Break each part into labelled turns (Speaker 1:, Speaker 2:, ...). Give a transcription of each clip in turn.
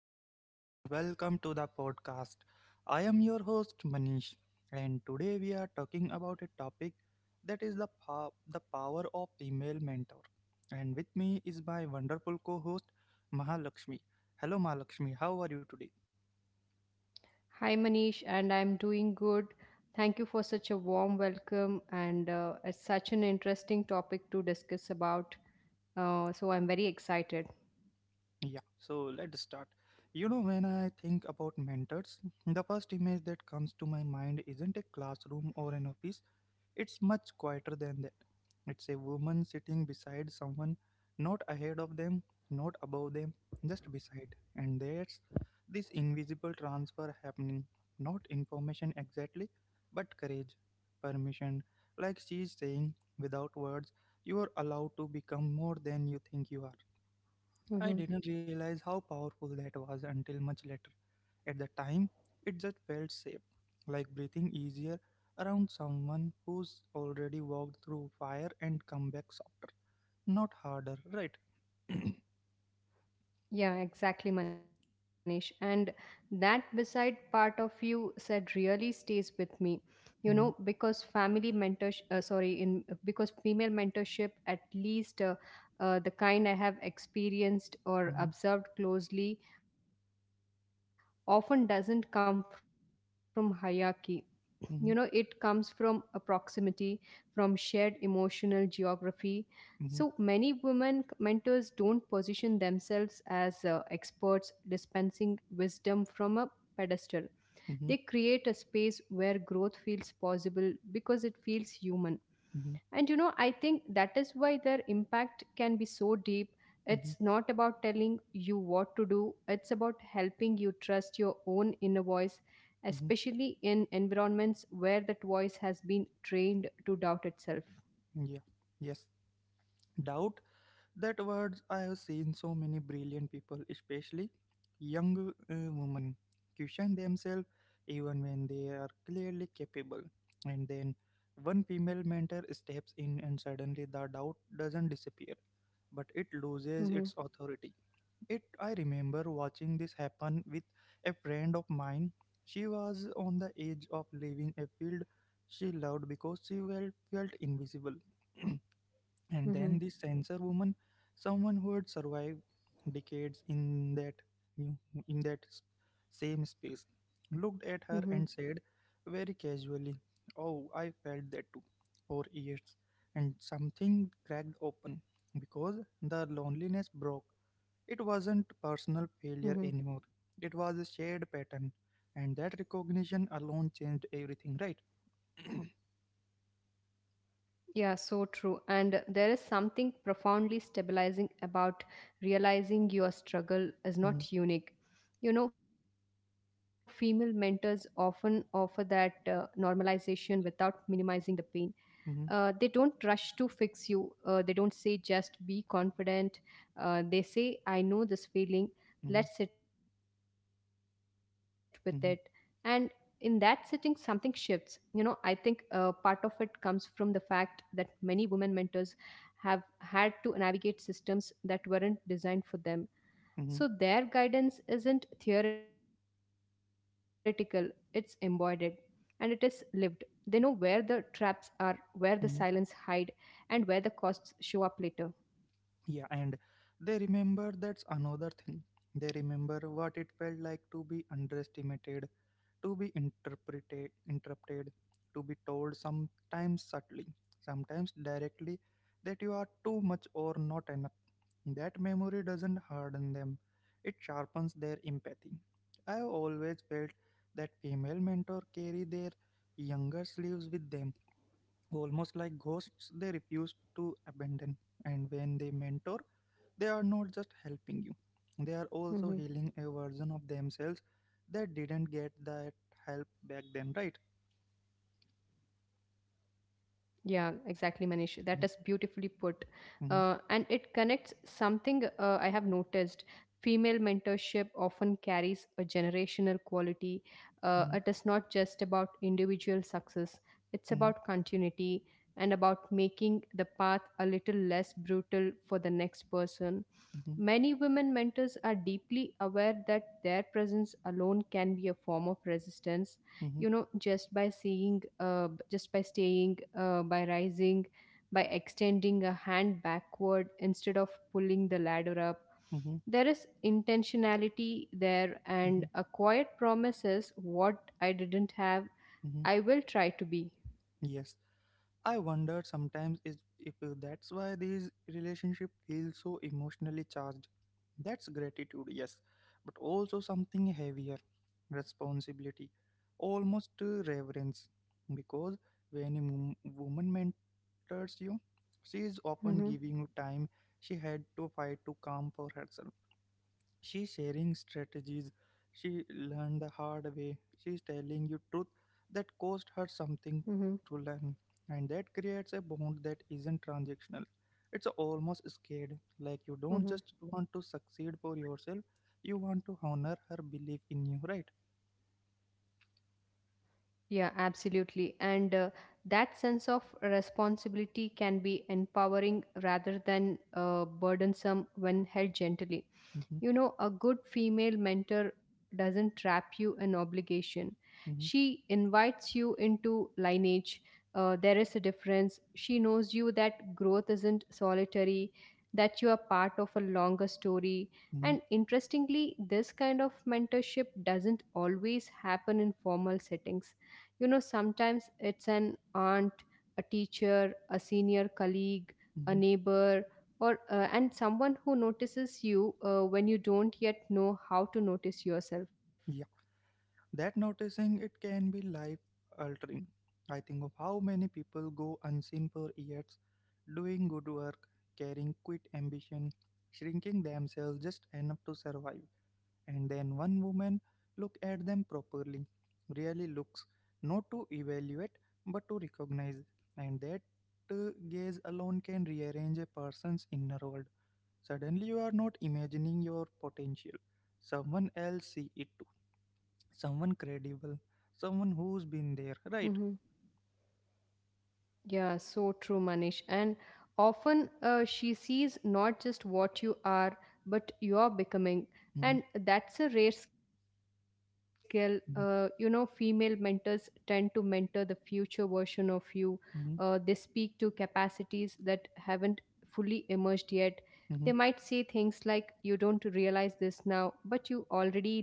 Speaker 1: everyone, and welcome to the podcast. I am your host, Manish, and today we are talking about a topic that is the power of female mentor. And with me is my wonderful co host, Mahalakshmi. Hello, Mahalakshmi, how are you today?
Speaker 2: Hi, Manish, and I'm doing good. Thank you for such a warm welcome, and it's such an interesting topic to discuss about. So I'm very excited.
Speaker 1: Yeah, so let's start. You know, when I think about mentors, the first image that comes to my mind isn't a classroom or an office. It's much quieter than that. It's a woman sitting beside someone, not ahead of them, not above them, just beside. And there's this invisible transfer happening. Not information exactly, but courage, permission. Like she's saying, without words, you are allowed to become more than you think you are. I didn't
Speaker 2: Hmm.
Speaker 1: realize how powerful that was until much later. At the time, it just felt safe, like breathing easier around someone who's already walked through fire and come back softer, not harder, right?
Speaker 2: Yeah, exactly, Manish. And that beside part of you said really stays with me. You
Speaker 1: Mhm,
Speaker 2: know, because family mentorship, sorry, in because female mentorship, at least the kind I have
Speaker 1: mhm,
Speaker 2: experienced or observed closely, often doesn't come from hierarchy. You know, it comes from a
Speaker 1: mhm,
Speaker 2: proximity, from shared emotional geography. So many women
Speaker 1: mhm,
Speaker 2: mentors don't position themselves as experts dispensing wisdom from a pedestal. They create a
Speaker 1: mhm,
Speaker 2: space where growth feels possible because it feels human. And you
Speaker 1: mhm,
Speaker 2: know, I think that is why their impact can be so deep. It's
Speaker 1: mhm,
Speaker 2: not about telling you what to do, it's about helping you trust your own inner voice,
Speaker 1: mhm.
Speaker 2: especially in environments where that voice has been trained to doubt itself.
Speaker 1: Yeah. Yes. Doubt, that words, I have seen so many brilliant people, especially young women, question themselves even when they are clearly capable. And then one female mentor steps in and suddenly the doubt doesn't disappear, but it loses its authority.
Speaker 2: Mm-hmm,
Speaker 1: It i remember watching this happen with a friend of mine. She was on the edge of leaving a field she loved because she, well, felt invisible. And then this
Speaker 2: mm-hmm,
Speaker 1: censor woman, someone who had survived decades in that same space, looked
Speaker 2: mm-hmm,
Speaker 1: at her and said, very casually, oh, I felt that too for years. And something cracked open, because the loneliness broke. It wasn't personal failure
Speaker 2: mm-hmm.
Speaker 1: anymore, it was a shared pattern. And that recognition alone changed everything, right?
Speaker 2: Yeah, so true. And there is something profoundly stabilizing about realizing your struggle is
Speaker 1: Mm-hmm,
Speaker 2: not unique. You know, female mentors often offer that normalization without minimizing the pain.
Speaker 1: mm-hmm,
Speaker 2: They don't rush to fix you. They don't say, just be confident. They say, I know this
Speaker 1: mm-hmm,
Speaker 2: feeling. Let's sit with it. And in
Speaker 1: mm-hmm,
Speaker 2: that sitting, something shifts. You know, I think part of it comes from the fact that many women mentors have had to navigate systems that weren't designed for them,
Speaker 1: mm-hmm,
Speaker 2: so their guidance isn't theoretical, it's embodied and it is lived. They know where the traps are, where the
Speaker 1: mm-hmm.
Speaker 2: silence hide, and where the costs show up later.
Speaker 1: Yeah, and they remember, that's another thing. They remember what it felt like to be underestimated, to be interpreted, interrupted, to be told, sometimes subtly, sometimes directly, that you are too much or not enough. That memory doesn't harden them, it sharpens their empathy. I have always felt that
Speaker 2: Mm-hmm.
Speaker 1: female mentors carry their younger selves with them, almost like ghosts they refuse to abandon. And when they mentor, they are not just helping you, they are also healing a version of themselves that didn't get that help back then, right?
Speaker 2: Yeah, exactly, Manish. That is beautifully put.
Speaker 1: Mhm,
Speaker 2: And it connects something I have noticed. Female mentorship often carries a generational quality.
Speaker 1: mhm,
Speaker 2: It is not just about individual success, it's
Speaker 1: mhm,
Speaker 2: about continuity and about making the path a little less brutal for the next person.
Speaker 1: mhm,
Speaker 2: Many women mentors are deeply aware that their presence alone can be a form of resistance.
Speaker 1: mhm,
Speaker 2: You know, just by seeing just by staying, by rising, by extending a hand backward instead of pulling the ladder up.
Speaker 1: mhm,
Speaker 2: There is intentionality there,
Speaker 1: mhm,
Speaker 2: and a quiet promise is what I didn't have.
Speaker 1: mhm.
Speaker 2: I will try to be.
Speaker 1: Yes, I wonder sometimes is, if that's why these relationship feel so emotionally charged. That's gratitude, yes, but also something heavier, responsibility, almost reverence, because when a woman mentors you, she is often giving
Speaker 2: Mm-hmm.
Speaker 1: you time she had to fight to calm for herself. She's sharing strategies she learned the hard way. She's telling you truth
Speaker 2: Mm-hmm.
Speaker 1: that cost her something to learn. And that creates a bond that isn't transactional, it's almost scared.
Speaker 2: Mm-hmm.
Speaker 1: Like you don't just want to succeed for yourself, you want to honor her belief in you, right?
Speaker 2: Yeah, absolutely. And that sense of responsibility can be empowering rather than burdensome when held gently.
Speaker 1: Mm-hmm,
Speaker 2: You know, a good female mentor doesn't trap you in obligation.
Speaker 1: mm-hmm,
Speaker 2: She invites you into lineage. There is a difference. She knows you that growth isn't solitary, that you are part of a longer story.
Speaker 1: mm-hmm,
Speaker 2: And interestingly, this kind of mentorship doesn't always happen in formal settings. You know, sometimes it's an aunt, a teacher, a senior colleague, a
Speaker 1: mm-hmm.
Speaker 2: neighbor, or and someone who notices you when you don't yet know how to notice yourself.
Speaker 1: That noticing, it can be life altering. I think of how many people go unseen for years, doing good work, carrying quit ambition, shrinking themselves just enough to survive, and then one woman look at them properly, really looks, not to evaluate but to recognize, and that gaze alone can rearrange a person's inner world. Suddenly, you are not imagining your potential; someone else see it too, someone credible, someone who's been there, right?
Speaker 2: Yeah, so true, Manish. And often she sees not just what you are, but you're becoming.
Speaker 1: Mm-hmm,
Speaker 2: And that's a rare skill. You know, female mentors tend to mentor the future version of you. They speak to
Speaker 1: hmm,
Speaker 2: capacities that haven't fully emerged yet. They might say
Speaker 1: hmm,
Speaker 2: things like, you don't realize this now, but you already leading,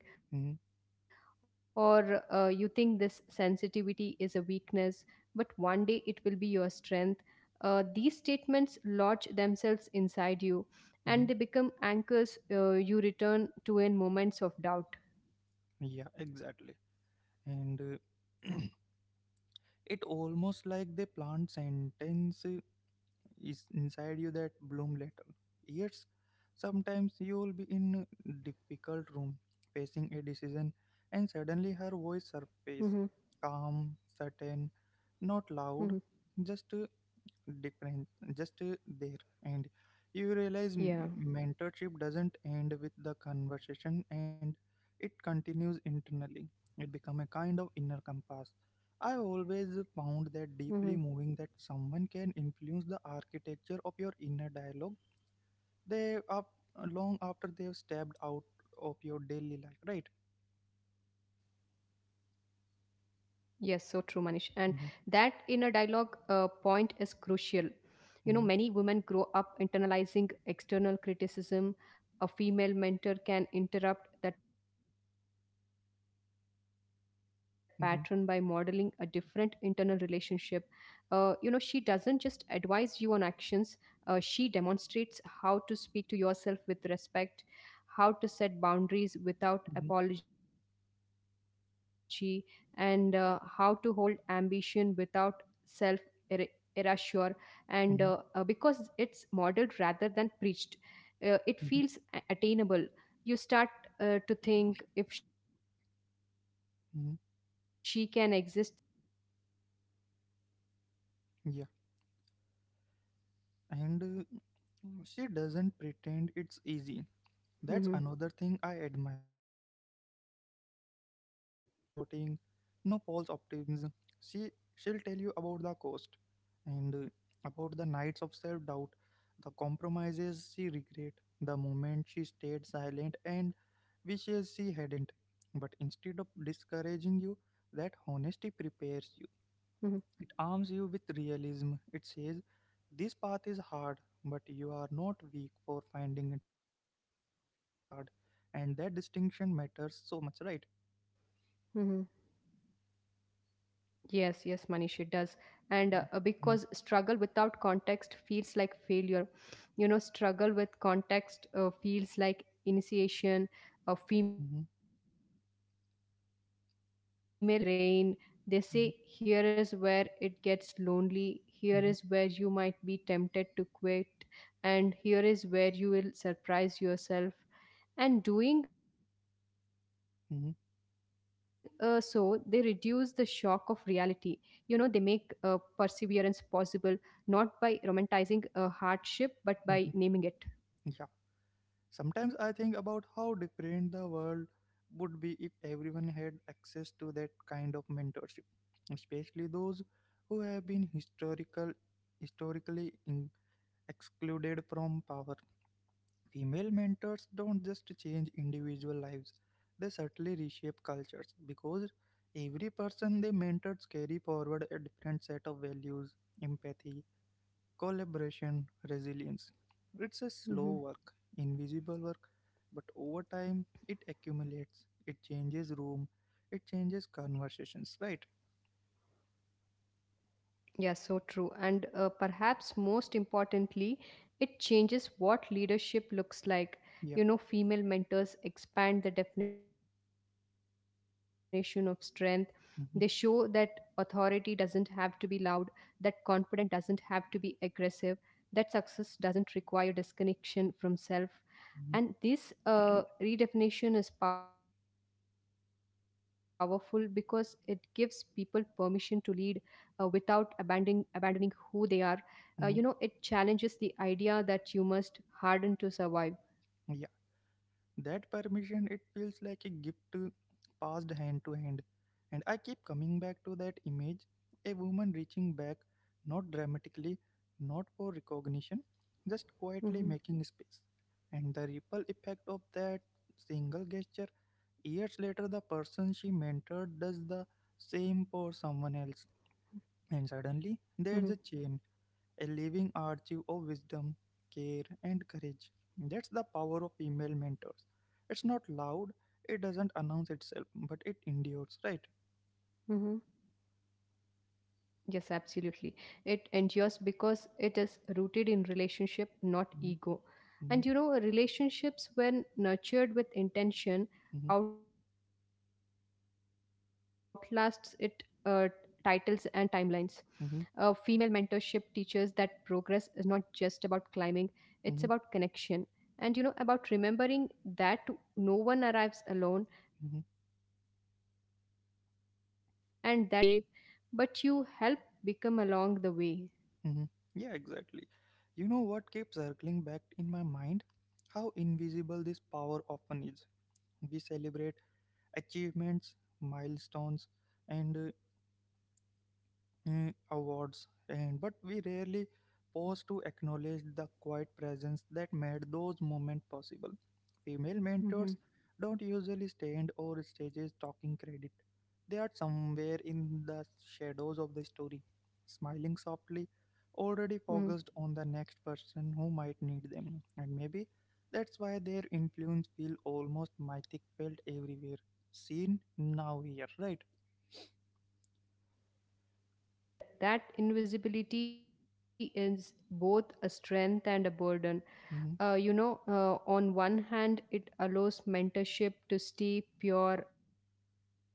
Speaker 2: or
Speaker 1: hmm,
Speaker 2: you think this sensitivity is a weakness, but one day it will be your strength. Uh, these statements lodge themselves inside you and they become
Speaker 1: hmm.
Speaker 2: anchors you return to in moments of doubt.
Speaker 1: Yeah, exactly. And uh, it almost like they plant sentence is inside you that bloom later years. Sometimes you will be in a difficult room facing a decision, and
Speaker 2: Mm-hmm.
Speaker 1: suddenly her voice surface, calm, certain,
Speaker 2: Mm-hmm.
Speaker 1: not loud, just different, just there. And you realize
Speaker 2: Yeah.
Speaker 1: mentorship doesn't end with the conversation, and it continues internally. It become a kind of inner compass. I always found
Speaker 2: Mm-hmm.
Speaker 1: that deeply moving, that someone can influence the architecture of your inner dialogue. They up long after they've stepped out of your daily life, right?
Speaker 2: Yes, so true, Manish. And that inner
Speaker 1: Hmm,
Speaker 2: dialogue point is crucial. You know, many
Speaker 1: hmm,
Speaker 2: women grow up internalizing external criticism. A female mentor can interrupt that pattern by modeling a different internal
Speaker 1: hmm,
Speaker 2: relationship. You know, she doesn't just advise you on actions, she demonstrates how to speak to yourself with respect, how to set boundaries without apology, and how to hold ambition without self erasure. And because it's
Speaker 1: hmm,
Speaker 2: modeled rather than preached, it feels
Speaker 1: hmm,
Speaker 2: attainable. You start to think, if she can exist this way, maybe I can
Speaker 1: hmm.
Speaker 2: too.
Speaker 1: Yeah, and she doesn't pretend it's easy. That's another thing I
Speaker 2: hmm
Speaker 1: admire. There's no sugarcoating, no false optimism. She she'll tell you about the cost, and about the nights of self-doubt, the compromises she regret, the moment she stayed silent and wishes she hadn't. But instead of discouraging you, that honesty prepares you.
Speaker 2: hmm
Speaker 1: It arms you with realism. It says, this path is hard, but you are not weak for finding it hard. And that distinction matters so much, right?
Speaker 2: hmm Yes, yes, Manish, it does. And because
Speaker 1: Mhm,
Speaker 2: struggle without context feels like failure, you know, struggle with context feels like initiation. Female
Speaker 1: mhm,
Speaker 2: mentors provide that context, they map the terrain, they
Speaker 1: mhm,
Speaker 2: say, here is where it gets lonely, here
Speaker 1: mhm,
Speaker 2: is where you might be tempted to quit, and here is where you will surprise yourself. And doing so, they reduce the
Speaker 1: mhm,
Speaker 2: shock of reality. You know, they make perseverance possible, not by romanticizing hardship but by naming it.
Speaker 1: mhm. Yeah. Sometimes I think about how different the world would be if everyone had access to that kind of mentorship, especially those who have been historically excluded from power. Female mentors don't just change individual lives, they certainly reshape cultures, because every person they mentors carry forward a different set of values, empathy, collaboration, resilience. It's a slow
Speaker 2: Mhm.
Speaker 1: work, invisible work, but over time it accumulates, it changes room, it changes conversations, right?
Speaker 2: Yeah, so true, and perhaps most importantly it changes what leadership looks like. You know, female
Speaker 1: Yeah.
Speaker 2: mentors expand the definition of strength. They show that authority doesn't have to be
Speaker 1: Mm-hmm.
Speaker 2: loud, that confidence doesn't have to be aggressive, that success doesn't require disconnection from self. And this redefinition is powerful because it gives people permission to lead without abandoning who they are. You know, it challenges the
Speaker 1: Mm-hmm.
Speaker 2: idea that you must harden to survive.
Speaker 1: Mm-hmm. That permission, it feels like a gift passed hand to hand. And I keep coming back to that image, a woman reaching back, not dramatically, not for recognition, just quietly
Speaker 2: Mm-hmm.
Speaker 1: making space. And the ripple effect of that single gesture, years later, the person she mentored does the same for someone else. And
Speaker 2: Mm-hmm.
Speaker 1: suddenly, there's a chain, a living archive of wisdom, care, and courage. That's the power of female mentors. It's not loud, it doesn't announce
Speaker 2: Mm-hmm.
Speaker 1: itself, but it endures, right?
Speaker 2: Yes, absolutely. It endures because it is rooted in relationship, not ego.
Speaker 1: Mhm,
Speaker 2: And you know,
Speaker 1: mhm,
Speaker 2: relationships, when nurtured with intention, outlasts it uh, titles and timelines. Female mentorship teaches that
Speaker 1: mhm,
Speaker 2: progress is not just about climbing; it's about connection. And
Speaker 1: mhm,
Speaker 2: you know, about remembering that no one arrives alone, and that the
Speaker 1: mhm,
Speaker 2: most meaningful legacy might not be what you achieve, but you help become along the way.
Speaker 1: mhm. Yeah, exactly. You know what keeps circling back in my mind? How invisible this power often is. We celebrate achievements, milestones, and awards, and but we rarely pause to acknowledge the quiet presence that made those moments possible. Female mentors
Speaker 2: hmm
Speaker 1: don't usually stand or stages talking credit. They are somewhere in the shadows of the story, smiling softly,
Speaker 2: hmm.
Speaker 1: already focused on the next person who might need them. And maybe that's why their influence feel almost mythic, felt everywhere, seen now here, right?
Speaker 2: Yeah, so true. And that invisibility is both a strength and a burden.
Speaker 1: Mm-hmm,
Speaker 2: On one hand, it allows mentorship to stay pure, untainted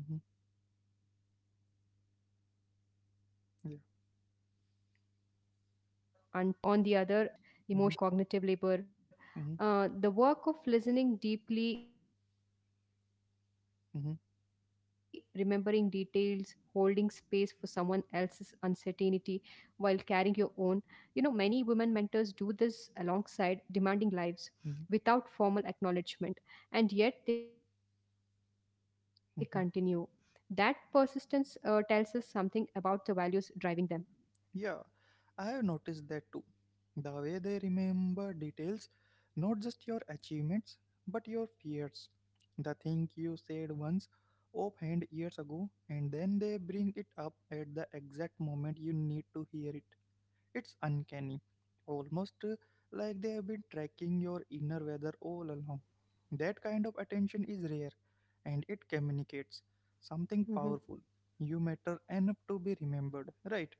Speaker 1: mm-hmm,
Speaker 2: by performance or recognition. On the other,
Speaker 1: yeah,
Speaker 2: it means the labor goes unnoticed, emotional
Speaker 1: mm-hmm,
Speaker 2: labor, cognitive
Speaker 1: mm-hmm.
Speaker 2: labor. The work of listening deeply, remembering details,
Speaker 1: Mhm,
Speaker 2: holding space for someone else's uncertainty while carrying your own. You know, many women mentors do this alongside demanding lives
Speaker 1: mhm,
Speaker 2: without formal acknowledgement, and yet they continue. That
Speaker 1: mhm.
Speaker 2: persistence tells us something about the values driving them.
Speaker 1: Yeah, I have noticed that too. The way they remember details, not just your achievements, but your fears. The thing you said once, offhand years ago, and then they bring it up at the exact moment you need to hear it. It's uncanny, almost like they have been tracking your inner weather all along. That kind of attention is rare,
Speaker 2: Mhm.
Speaker 1: and it communicates something powerful. You matter enough to be remembered, right?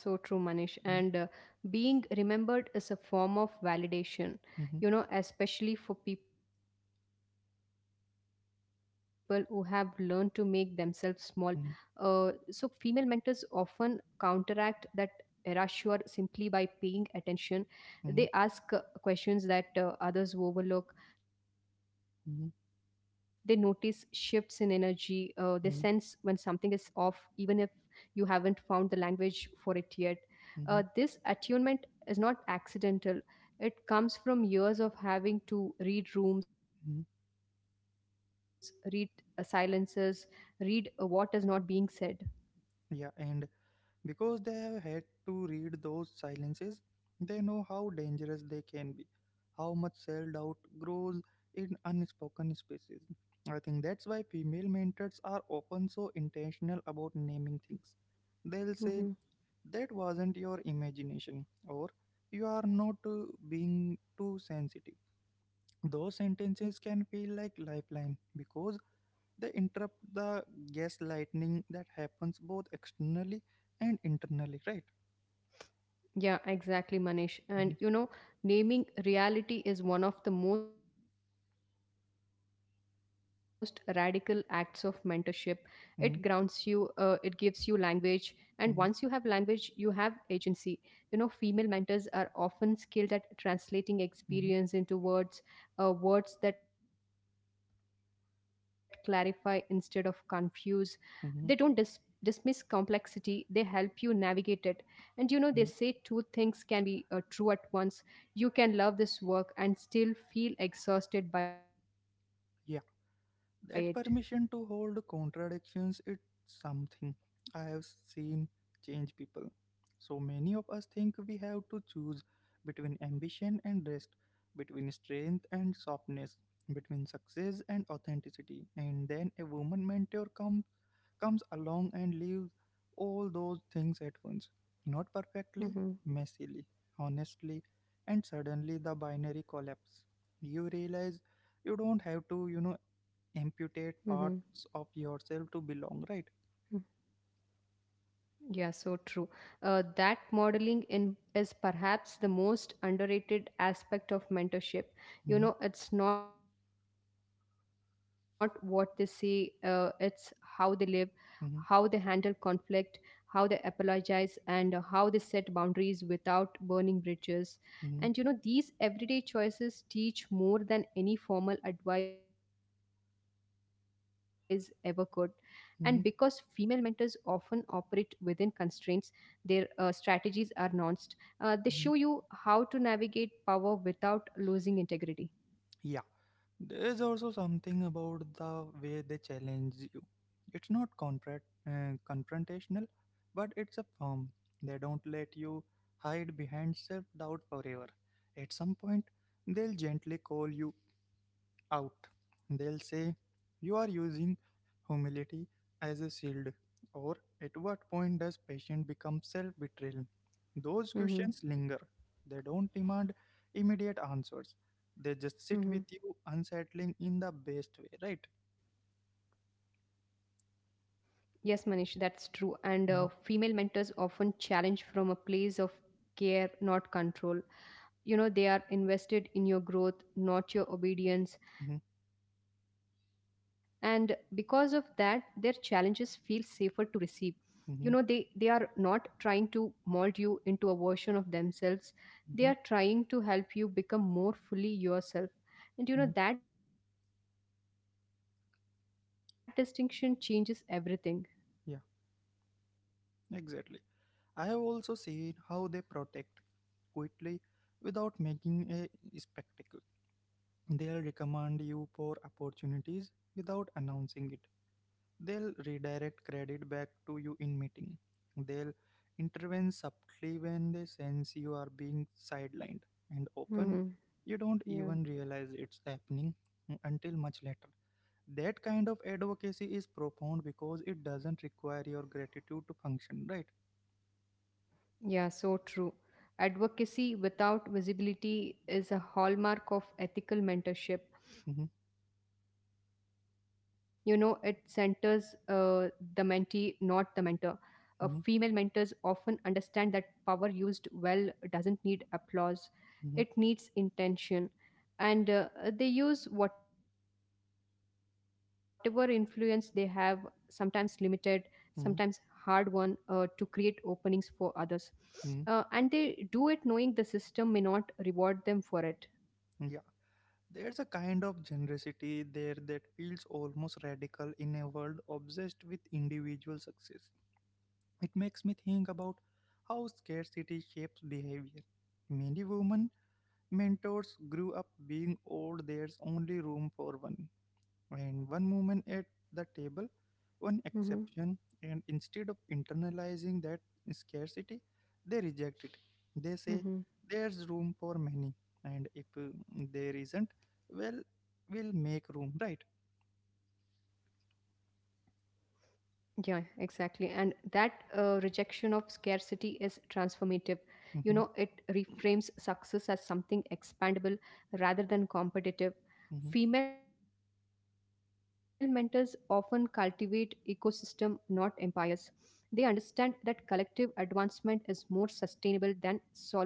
Speaker 2: Yeah, so true,
Speaker 1: Mhm,
Speaker 2: Manish. And being remembered is a form of
Speaker 1: mhm,
Speaker 2: validation, you know, especially for people who have learned to make themselves small. So, female
Speaker 1: mhm,
Speaker 2: mentors often counteract that erasure simply by paying attention. They ask questions that others overlook, they notice
Speaker 1: mhm,
Speaker 2: shifts in energy, they sense when something is
Speaker 1: mhm,
Speaker 2: off, even if you haven't found the language for it yet. This
Speaker 1: mhm,
Speaker 2: attunement is not accidental, it comes from years of having to read rooms, read
Speaker 1: mhm.
Speaker 2: silences, read what is not being said.
Speaker 1: Yeah, and because they have had to read those silences, they know how dangerous they can be, how much self doubt grows in unspoken spaces. I think that's why female mentors are often so intentional about naming things. They'll say,
Speaker 2: Mhm.
Speaker 1: that wasn't your imagination, or you are not being too sensitive. Those sentences can feel like lifeline because they interrupt the gaslighting that happens both externally and internally, right?
Speaker 2: Yeah, exactly, Manish. And you
Speaker 1: Mhm,
Speaker 2: know, naming reality is one of the most radical acts of mentorship. It grounds you, it gives you language.
Speaker 1: mhm,
Speaker 2: And once you have language, you have
Speaker 1: mhm,
Speaker 2: agency. You know, female mentors are often skilled at translating experience into
Speaker 1: mhm,
Speaker 2: words, words that clarify instead of confuse. They don't dismiss complexity, they
Speaker 1: mhm,
Speaker 2: help you navigate it. And you know, they say two things can
Speaker 1: mhm.
Speaker 2: be true at once. You can love this work and still feel exhausted by it.
Speaker 1: Yeah, that permission to hold contradictions, it's something I have seen change people. So many of us think we have to choose between ambition and rest, between strength and softness, between success and authenticity. And then a woman mentor comes along and leaves all those things at once. Not perfectly,
Speaker 2: Mm-hmm.
Speaker 1: messily, honestly, and suddenly the binary collapse. You realize
Speaker 2: Mm-hmm.
Speaker 1: you don't have to, you know, amputate parts of yourself to belong, right?
Speaker 2: Yeah, so true. That modeling in is perhaps the most underrated aspect of mentorship. You know, it's
Speaker 1: Mm-hmm,
Speaker 2: not what they say, it's how they live, how they handle conflict, how
Speaker 1: mm-hmm,
Speaker 2: they apologize, and how they set boundaries without burning bridges. And you know, these
Speaker 1: mm-hmm,
Speaker 2: everyday choices teach more than any formal advice ever could. And because female mentors often operate within
Speaker 1: mm-hmm,
Speaker 2: constraints, their strategies are nuanced. They show you how to navigate
Speaker 1: mm-hmm.
Speaker 2: power without losing integrity.
Speaker 1: Yeah. There is also something about the way they challenge you. It's not confrontational, but it's a firm. They don't let you hide behind self doubt forever. At some point, they'll gently call you out. They'll say, you are using humility as a shield, or at what point does patient become self betrayal? Those
Speaker 2: Mhm,
Speaker 1: questions linger. They don't demand immediate answers, they just sit
Speaker 2: mhm.
Speaker 1: with you, unsettling in the best way, right?
Speaker 2: Yes, Manish, that's true. And female mentors
Speaker 1: Mhm,
Speaker 2: often challenge from a place of care, not control. You know, they are invested in your growth, not your obedience. And
Speaker 1: mhm,
Speaker 2: because of that, their challenges feel safer to receive. You know, they are not
Speaker 1: mhm,
Speaker 2: trying to mold you into a version of themselves, they are trying to help you become more fully yourself. And you know, that
Speaker 1: mhm.
Speaker 2: distinction changes everything.
Speaker 1: Yeah, exactly. I have also seen how they protect quietly without making a spectacle. They'll recommend you for opportunities without announcing it. They'll redirect credit back to you in meeting. They'll intervene subtly when they sense you are being sidelined, and often
Speaker 2: Hmm.
Speaker 1: you don't
Speaker 2: Yeah.
Speaker 1: even realize it's happening until much later. That kind of advocacy is profound because it doesn't require your gratitude to function, right?
Speaker 2: Yeah, so true. Advocacy without visibility is a hallmark of ethical mentorship. You
Speaker 1: Mhm,
Speaker 2: know, it centers the mentee, not the mentor. Female mentors often
Speaker 1: mhm,
Speaker 2: understand that power used well doesn't need applause, it needs
Speaker 1: mhm,
Speaker 2: intention. And they use whatever influence they have, sometimes limited, sometimes hard won, to
Speaker 1: mhm,
Speaker 2: create openings for others, and they do
Speaker 1: mhm.
Speaker 2: it knowing the system may not reward them for it.
Speaker 1: Yeah, there's a kind of generosity there that feels almost radical in a world obsessed with individual success. It makes me think about how scarcity shapes behavior. Many women mentors grew up being old, there's only room for one, and one woman at the table, one
Speaker 2: Hmm.
Speaker 1: exception. And instead of internalizing that scarcity, they reject it. They say there's room for many, and if there isn't, well, we'll make room, right?
Speaker 2: Yeah, exactly. And that rejection of scarcity is transformative. You know, it reframes
Speaker 1: Hmm,
Speaker 2: success as something expandable rather than competitive. Female
Speaker 1: hmm,
Speaker 2: mentors often cultivate ecosystem, not empires. They understand that collective advancement is more sustainable than solitary triumph.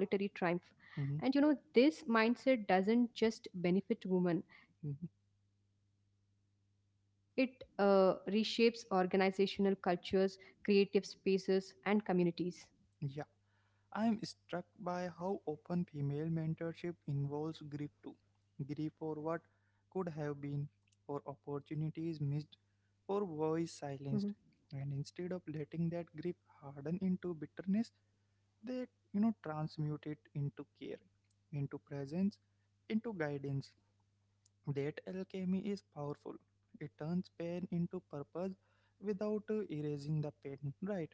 Speaker 2: And you know,
Speaker 1: hmm,
Speaker 2: this mindset doesn't just benefit women, it
Speaker 1: hmm.
Speaker 2: reshapes organizational cultures, creative spaces and communities.
Speaker 1: Yeah. I'm struck by how often female mentorship involves grief too. Grief for what could have been, for
Speaker 2: Mhm.
Speaker 1: opportunities missed, for voice silenced. And instead of letting that grief harden into bitterness, they transmute it into care, into presence, into guidance. That alchemy is powerful. It turns pain into purpose without erasing the pain. Right?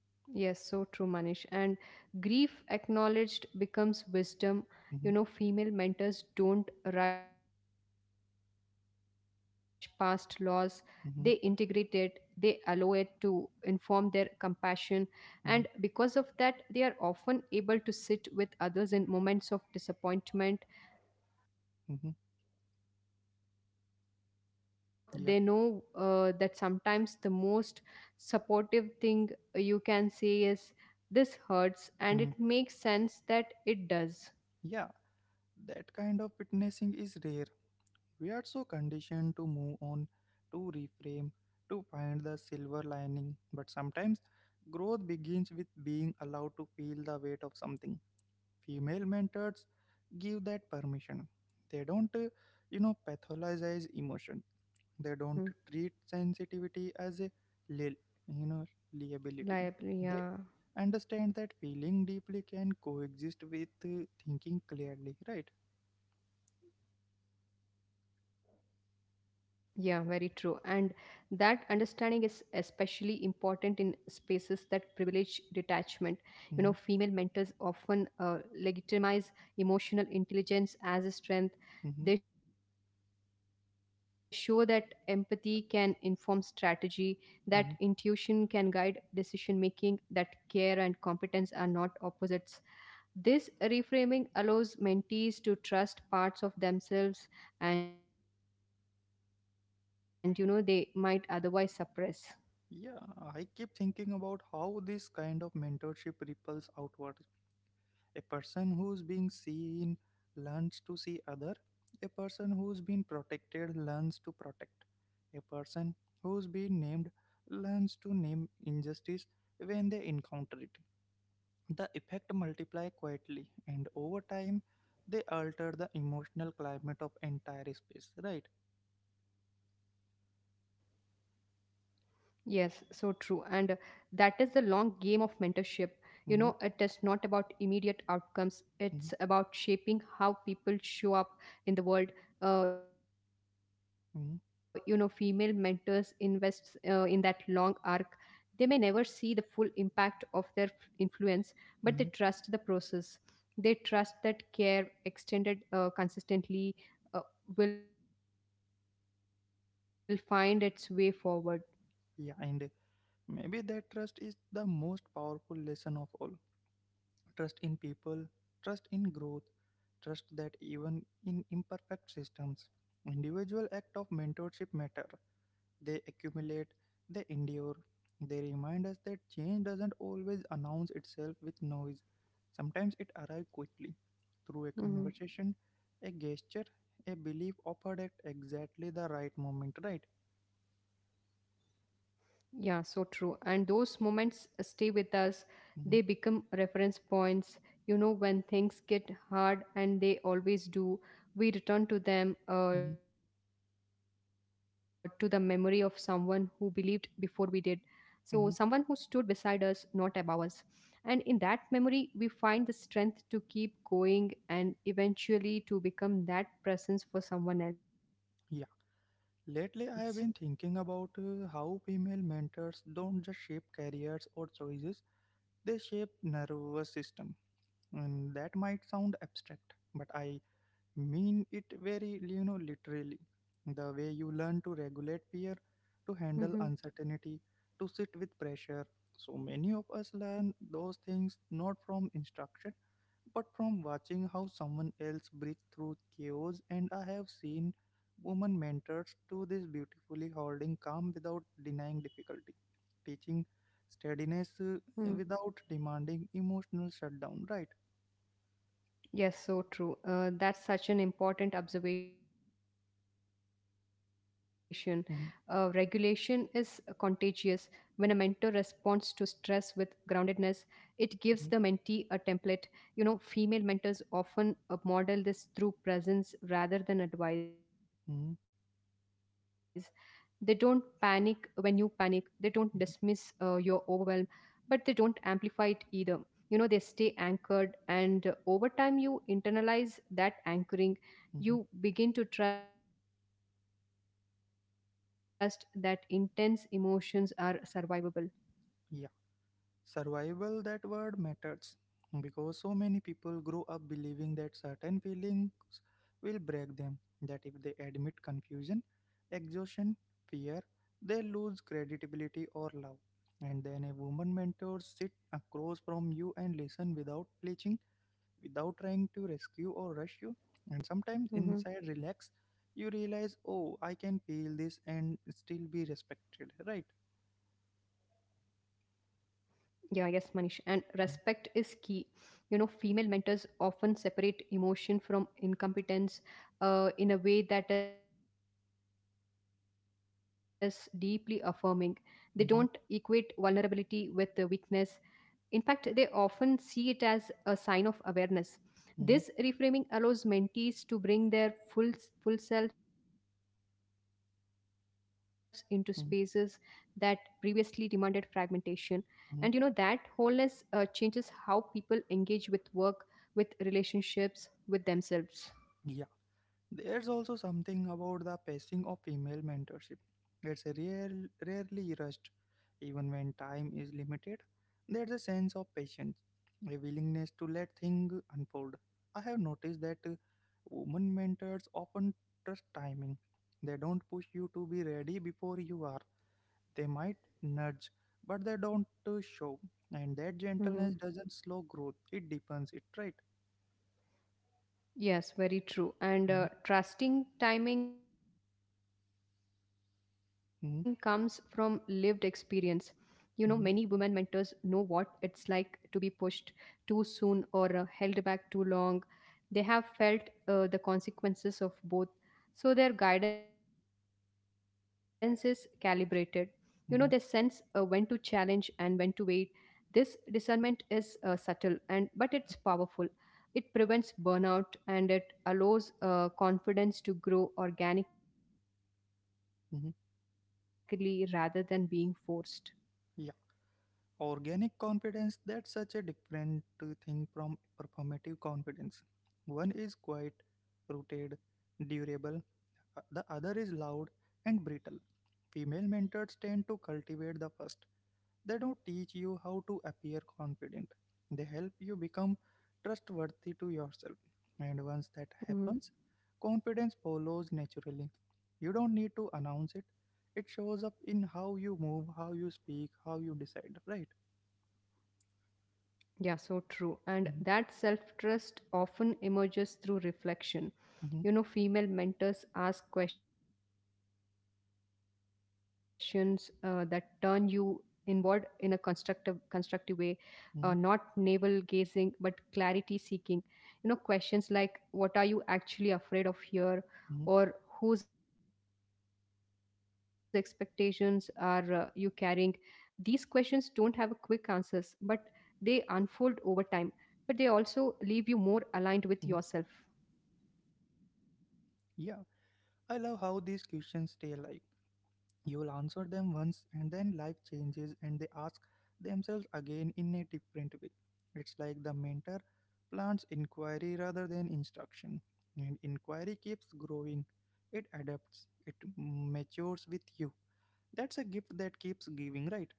Speaker 2: Yes, so true, Manish. And grief acknowledged becomes wisdom. You
Speaker 1: Mm-hmm,
Speaker 2: know, female mentors don't rush past loss; they integrate it, they allow it
Speaker 1: mm-hmm,
Speaker 2: to inform their compassion. And because of that,
Speaker 1: mm-hmm,
Speaker 2: they are often able to sit with others in moments of disappointment
Speaker 1: mm-hmm.
Speaker 2: without trying to fix them.
Speaker 1: Yeah.
Speaker 2: They know that sometimes the most supportive thing you can say is, this hurts and
Speaker 1: Mm-hmm.
Speaker 2: it makes sense that it does.
Speaker 1: Yeah, that kind of witnessing is rare. We are so conditioned to move on, to reframe, to find the silver lining. But sometimes growth begins with being allowed to feel the weight of something. Female mentors give that permission. They don't, pathologize emotion. They don't
Speaker 2: Mm-hmm.
Speaker 1: treat sensitivity as a, li- you know, liability.
Speaker 2: Liable,
Speaker 1: They
Speaker 2: yeah.
Speaker 1: understand that feeling deeply can coexist with thinking clearly, right?
Speaker 2: Yeah, very true. And that understanding is especially important in spaces that privilege detachment. You know, female
Speaker 1: Mm-hmm.
Speaker 2: mentors often legitimize emotional intelligence as a strength.
Speaker 1: Mm-hmm.
Speaker 2: They show that empathy can inform strategy, that intuition
Speaker 1: Mhm.
Speaker 2: can guide decision making, that care and competence are not opposites. This reframing allows mentees to trust parts of themselves, and you know they might otherwise suppress.
Speaker 1: Yeah, I keep thinking about how this kind of mentorship ripples outward. A person who's being seen learns to see other. A person who's been protected learns to protect. A person who's been named learns to name injustice when they encounter it. The effect multiply quietly, and over time, they alter the emotional climate of entire space. Right?
Speaker 2: Yes, so true. And that is the long game of mentorship.
Speaker 1: Mm-hmm,
Speaker 2: You know, it is not about immediate
Speaker 1: mm-hmm,
Speaker 2: outcomes, it's about shaping how people show up in the world.
Speaker 1: mm-hmm,
Speaker 2: Female mentors invest in that long arc. They may never see the full impact of their
Speaker 1: mm-hmm.
Speaker 2: influence, but they trust the process. They trust that care extended consistently uh, will find its way forward.
Speaker 1: Yeah, and maybe that trust is the most powerful lesson of all. Trust in people, trust in growth, trust that even in imperfect systems, individual act of mentorship matter. They accumulate, they endure. They remind us that change doesn't always announce itself with noise. Sometimes it arrives quickly through a conversation, a gesture, a belief
Speaker 2: Mhm.
Speaker 1: offered at exactly the right moment, right?
Speaker 2: Yeah, so true. And those
Speaker 1: Mm-hmm,
Speaker 2: moments stay with us. They become reference points. You know, when things get hard, and they
Speaker 1: mm-hmm,
Speaker 2: always do, we return to them, to the memory of someone who believed before we
Speaker 1: mm-hmm.
Speaker 2: did. So, someone who stood beside us, not above us. And in that memory, we find the strength to keep going and eventually to
Speaker 1: Yeah.
Speaker 2: become that presence for
Speaker 1: Lately, I have
Speaker 2: someone
Speaker 1: been
Speaker 2: else.
Speaker 1: thinking about how female mentors don't just shape careers or choices, they shape nervous system. And that might sound abstract, but I mean it very literally, the way you learn to regulate fear, to handle uncertainty, to sit with pressure. So many of us learn those things not from instruction but from watching how someone else breathes through chaos. And I have seen women mentors do this beautifully, holding calm without denying difficulty, teaching steadiness without demanding
Speaker 2: Mm-hmm.
Speaker 1: emotional shutdown, right?
Speaker 2: Yes, so true. That's such an important observation.
Speaker 1: Hmm.
Speaker 2: Regulation is contagious. When a mentor responds to stress with
Speaker 1: Hmm.
Speaker 2: groundedness, it gives the mentee a template. You know, female mentors often model this through
Speaker 1: Hmm.
Speaker 2: presence rather than advice. They don't panic when you panic.
Speaker 1: Hmm.
Speaker 2: They don't dismiss your overwhelm, but they don't amplify it either. You know, they stay anchored, and over time, you
Speaker 1: Mm-hmm.
Speaker 2: internalize that anchoring. You begin to trust that intense emotions are survivable.
Speaker 1: Yeah. Survival, that word matters, because so many people grow up believing that certain feelings will break them, that if they admit confusion, exhaustion, fear, they lose credibility or love. And then a woman mentor sit across from you and listen without preaching, without trying to rescue or rush you, and sometimes inside relax,
Speaker 2: Mm-hmm.
Speaker 1: you realize, oh, I can feel this and still be respected, right?
Speaker 2: Yeah, yes, Manish. And respect is key. You know, female mentors often separate emotion from incompetence in a way that is deeply affirming. They don't equate vulnerability with
Speaker 1: Mm-hmm,
Speaker 2: weakness, in fact, they often see it as a sign of awareness. This reframing
Speaker 1: mm-hmm,
Speaker 2: allows mentees to bring their full selves into spaces that previously demanded
Speaker 1: mm-hmm.
Speaker 2: fragmentation. And you know, that wholeness changes how people engage with work, with relationships, with themselves.
Speaker 1: Mm-hmm. There's also something about the pacing of female mentorship. It's a rare, rarely rushed, even when time is limited. There's a sense of patience, a willingness to let things unfold. I have noticed that women mentors often trust timing. They don't push you to be ready before you are. They might nudge, but they don't show. And that
Speaker 2: Mhm.
Speaker 1: gentleness doesn't slow growth; it deepens it. Right?
Speaker 2: Yes, very true. And
Speaker 1: Mm-hmm,
Speaker 2: uh, trusting timing comes from lived experience. You know, many women mentors know what it's
Speaker 1: mm-hmm,
Speaker 2: like to be pushed too soon or held back too long. They have felt the consequences of both, so their guidance is calibrated. You know, they sense when to challenge and
Speaker 1: mm-hmm,
Speaker 2: when to wait. This discernment is subtle, and but it's powerful. It prevents burnout, and it allows confidence to grow organically rather than being forced.
Speaker 1: mm-hmm. Organic confidence, that's such a different thing from performative confidence. One is quite rooted, durable, the other is loud and brittle. Female mentors tend to cultivate the first. They don't teach you how to appear confident, they help you become trustworthy to yourself, and once that
Speaker 2: Mhm.
Speaker 1: happens, confidence follows naturally. You don't need to announce it, it shows up in how you move, how you speak, how you decide, right?
Speaker 2: Yeah, so true. And that self
Speaker 1: Mm-hmm.
Speaker 2: trust often emerges through reflection. You know,
Speaker 1: Mhm,
Speaker 2: female mentors ask questions that turn you inward in a constructive way, not navel gazing but
Speaker 1: mhm,
Speaker 2: clarity seeking. You know, questions like, what are you actually afraid of here, or
Speaker 1: mhm,
Speaker 2: whose expectations are you carrying? These questions don't have a quick answers,
Speaker 1: mhm,
Speaker 2: but they unfold over time, but they also leave you more aligned
Speaker 1: mhm.
Speaker 2: with yourself.
Speaker 1: Yeah, I love how these questions stay alive. You'll answer them once, and then life changes, and they ask themselves again in a different way. It's like the mentor plants inquiry rather than instruction, and inquiry keeps growing. It adapts, it matures with you. That's a gift that keeps giving, right?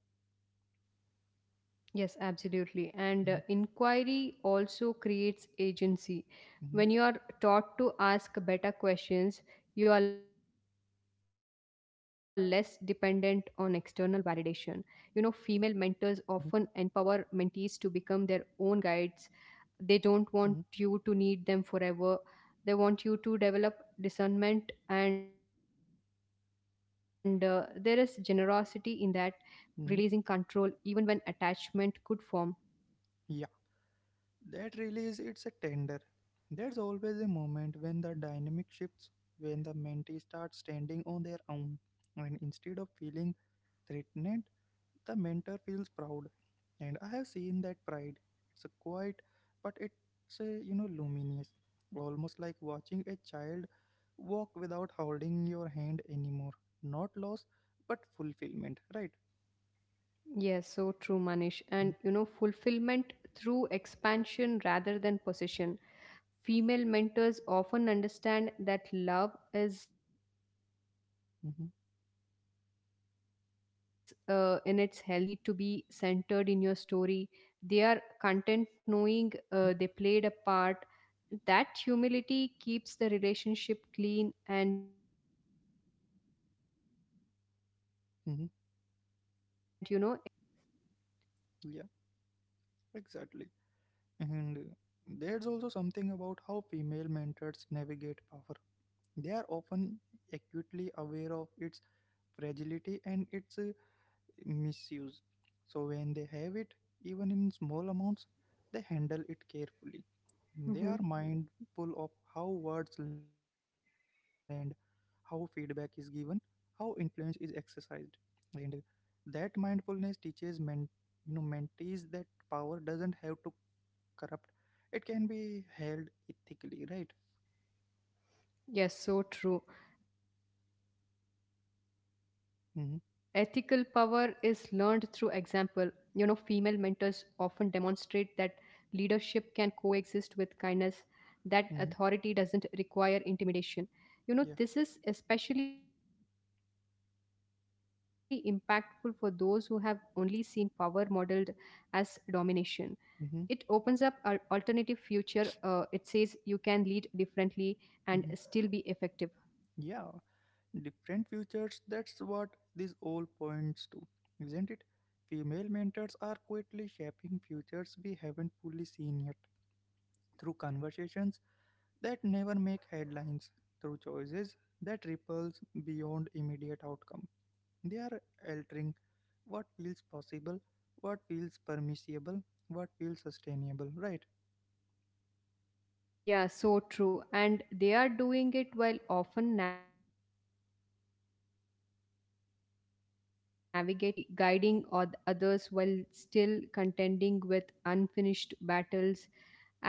Speaker 2: Yes, absolutely. And
Speaker 1: Mm-hmm,
Speaker 2: uh, inquiry also creates agency.
Speaker 1: mm-hmm,
Speaker 2: When you are taught to ask better questions, you are less dependent on external validation. You know, female mentors often empower mentees to become their own guides. They don't want
Speaker 1: mm-hmm, mm-hmm.
Speaker 2: you to need them forever. They want you to develop discernment, and there is generosity in that, releasing control even when
Speaker 1: Mm-hmm.
Speaker 2: attachment could form.
Speaker 1: Yeah. That release, it's a tender. There's always a moment when the dynamic shifts, when the mentee starts standing on their own, and instead of
Speaker 2: Mhm.
Speaker 1: feeling threatened, the mentor feels proud. And I have seen that pride. It's a quiet, but it's a, you know, luminous, almost like watching a child walk without holding your hand anymore. Not loss, but fulfillment, right?
Speaker 2: Yes, so true, Manish.
Speaker 1: Mm-hmm,
Speaker 2: And you know, fulfillment through expansion rather than possession. Female mentors often understand that love is, in its healthiest
Speaker 1: mm-hmm,
Speaker 2: form, in non possessive. They don't need to be centered in your story. They are
Speaker 1: mm-hmm.
Speaker 2: content knowing they played a part. That humility keeps the relationship clean, and, you know, it allows it to evolve rather than
Speaker 1: Mm-hmm.
Speaker 2: stagnant.
Speaker 1: Yeah, exactly. And there's also something about how female mentors navigate power. They are often acutely aware of its fragility and its misuse. So when they have it, even in small amounts, they handle it carefully. They are
Speaker 2: Mm-hmm.
Speaker 1: mindful of how words land, how feedback is given, how influence is exercised. And that mindfulness teaches men, you know, mentees that power doesn't have to corrupt, it can be held ethically, right?
Speaker 2: Yes, so true. Ethical power is learned through
Speaker 1: Hmm.
Speaker 2: example. You know, female mentors often demonstrate that leadership can coexist with kindness, that authority doesn't require
Speaker 1: Hmm.
Speaker 2: intimidation. You know, this is especially impactful for those who have only seen power modeled as domination. It opens up an alternative
Speaker 1: Yeah. Hmm.
Speaker 2: future. It says you can lead differently and still be
Speaker 1: Hmm.
Speaker 2: effective.
Speaker 1: Yeah, different futures, that's what this all points to, isn't it? Female mentors are quietly shaping futures we haven't fully seen yet, through conversations that never make headlines, through choices that ripples beyond immediate outcome. They are altering what feels possible, what feels permissible, what feels sustainable, right?
Speaker 2: Yeah, so true. And they are doing it while often navigating their own constraints. That duality guiding others while still contending with unfinished battles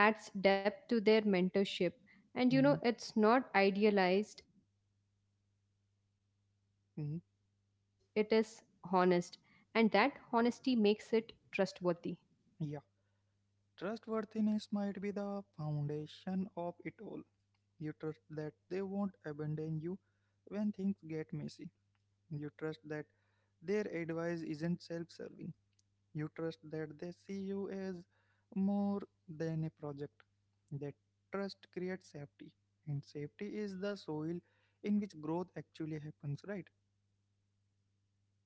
Speaker 2: adds depth to their mentorship. And you know,
Speaker 1: Mm-hmm.
Speaker 2: it's not idealized, it is honest. And that honesty makes it trustworthy.
Speaker 1: Yeah, trustworthiness might be the foundation of it all. You trust that they won't abandon you when things get messy. You trust that their advice isn't self serving. You trust that they see you as more than a project. That trust creates safety, and safety is the soil in which growth actually happens, right?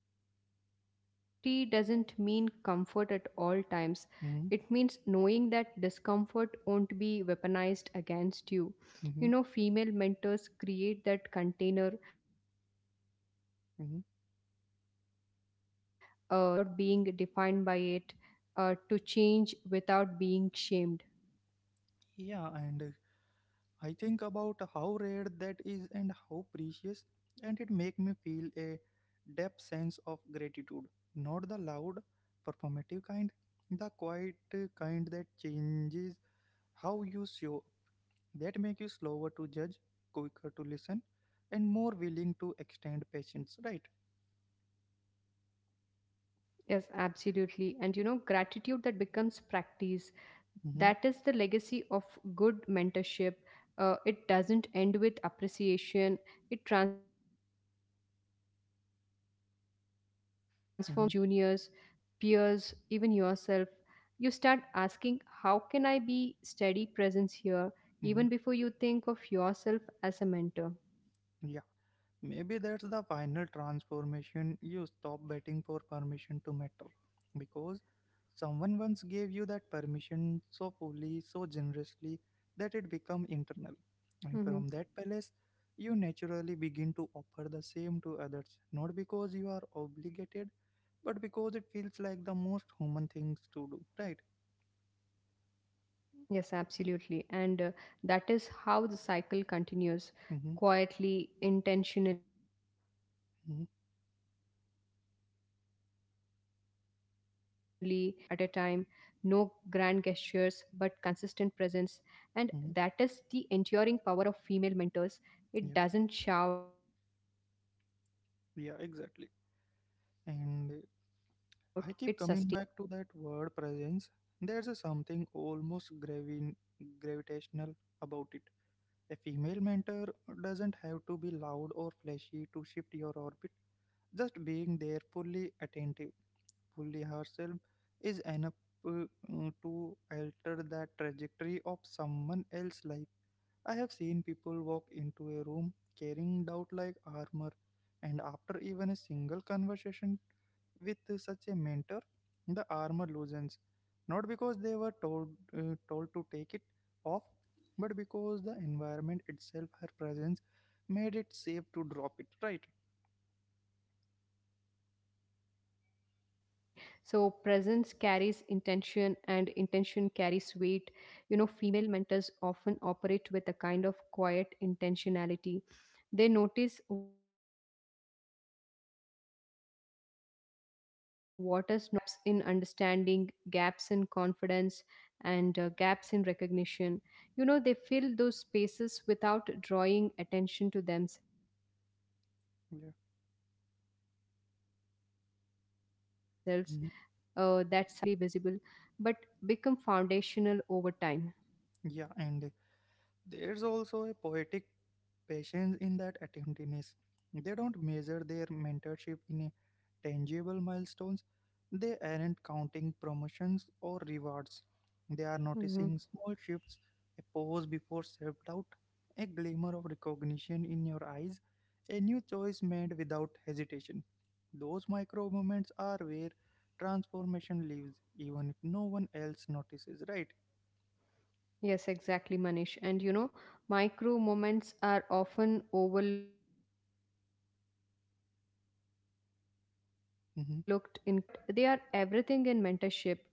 Speaker 2: Yes, so true. Safety doesn't mean comfort at all times.
Speaker 1: Mm-hmm,
Speaker 2: It means knowing that discomfort won't be weaponized against you.
Speaker 1: mm-hmm,
Speaker 2: You know, female mentors create that container. They allow you to
Speaker 1: mm-hmm.
Speaker 2: stretch without snapping, to fail without being defined by it, to change without being shamed.
Speaker 1: Yeah, and I think about how rare that is and how precious, and it make me feel a deep sense of gratitude. Not the loud, performative kind, the quiet kind that changes how you show, up, that make you slower to judge, quicker to listen, and more willing to extend patience. Right?
Speaker 2: Yes, absolutely. And you know, gratitude that becomes practice,
Speaker 1: Mm-hmm,
Speaker 2: that is the legacy of good mentorship. It doesn't end with appreciation, it transforms behavior. You know, it influences how you
Speaker 1: mm-hmm,
Speaker 2: treat juniors, peers, even yourself. You start asking, how can I be steady presence here,
Speaker 1: mm-hmm.
Speaker 2: even before you think of yourself as a mentor.
Speaker 1: Yeah, maybe that's the final transformation. You stop waiting for permission to matter because someone once gave you that permission so fully, so generously that it become internal. And
Speaker 2: Mm-hmm.
Speaker 1: from that palace, you naturally begin to offer the same to others, not because you are obligated, but because it feels like the most human things to do, right?
Speaker 2: Yes, absolutely. And that is how the cycle continues,
Speaker 1: Mm-hmm,
Speaker 2: quietly, intentionally,
Speaker 1: mm-hmm,
Speaker 2: one conversation at a time, one relationship at a time, no grand gestures, but consistent presence. And that is the
Speaker 1: mm-hmm.
Speaker 2: enduring power of female mentors. It
Speaker 1: Yeah,
Speaker 2: doesn't shout, it sustains.
Speaker 1: yeah, exactly. And I keep coming back to that word presence. There's a something almost gravitational about it. A female mentor doesn't have to be loud or flashy to shift your orbit. Just being there fully attentive, fully herself, is enough uh, to alter the trajectory of someone else's life. I have seen people walk into a room carrying doubt like armor, and after even a single conversation with such a mentor, the armor loosens, not because they were told to take it off, but because the environment itself, her presence, made it safe to drop it. Right?
Speaker 2: Yes, absolutely. So presence carries intention, and intention carries weight. You know, female mentors often operate with a kind of quiet intentionality. They notice what is not being said. They respond to gaps, and gaps in understanding, gaps in confidence, and gaps in recognition. You know, they fill those spaces without drawing attention to themselves. That
Speaker 1: Yeah.
Speaker 2: subtle attentiveness creates ripples that are not
Speaker 1: Mhm.
Speaker 2: immediately visible but become foundational over time.
Speaker 1: Yeah. And there's also a poetic patience in that attentiveness. They don't measure their mentorship in a tangible milestones. They aren't counting promotions or rewards. They are
Speaker 2: Mhm.
Speaker 1: noticing small shifts, a pause before self doubt, a glimmer of recognition in your eyes, a new choice made without hesitation. Those micro moments are where transformation lives, even if no one else notices, right?
Speaker 2: Yes, exactly, Manish. And you know, micro moments are often overlooked in conversations about leadership and success,
Speaker 1: Hmm.
Speaker 2: but they are everything in mentorship.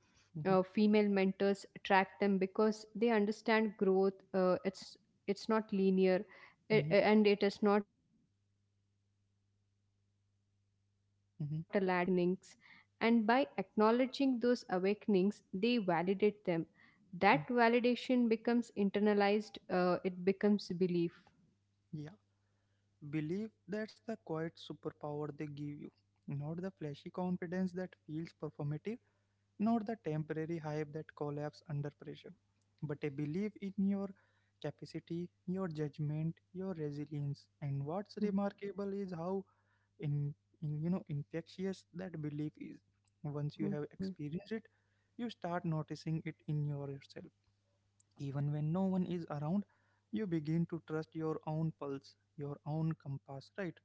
Speaker 2: Uh,
Speaker 1: Hmm.
Speaker 2: female mentors track them because they understand growth. It's not linear, and it is not a ladder. It's a rhythm, a pulse, a series of
Speaker 1: Hmm. Hmm.
Speaker 2: small awakenings. And by acknowledging those awakenings, they validate them. That validation becomes internalized. It becomes belief.
Speaker 1: Yeah. Believe, that's the quiet superpower they give you, not the flashy confidence that feels performative, not the temporary hype that collapses under pressure, but a belief in your capacity, your judgment, your resilience. And what's
Speaker 2: Mhm.
Speaker 1: remarkable is how in, in infectious
Speaker 2: Yeah.
Speaker 1: that belief is.
Speaker 2: Mhm.
Speaker 1: Once you have experienced it, you start noticing it in yourself. Even when no one is around, you begin to trust your own pulse, your own compass, right?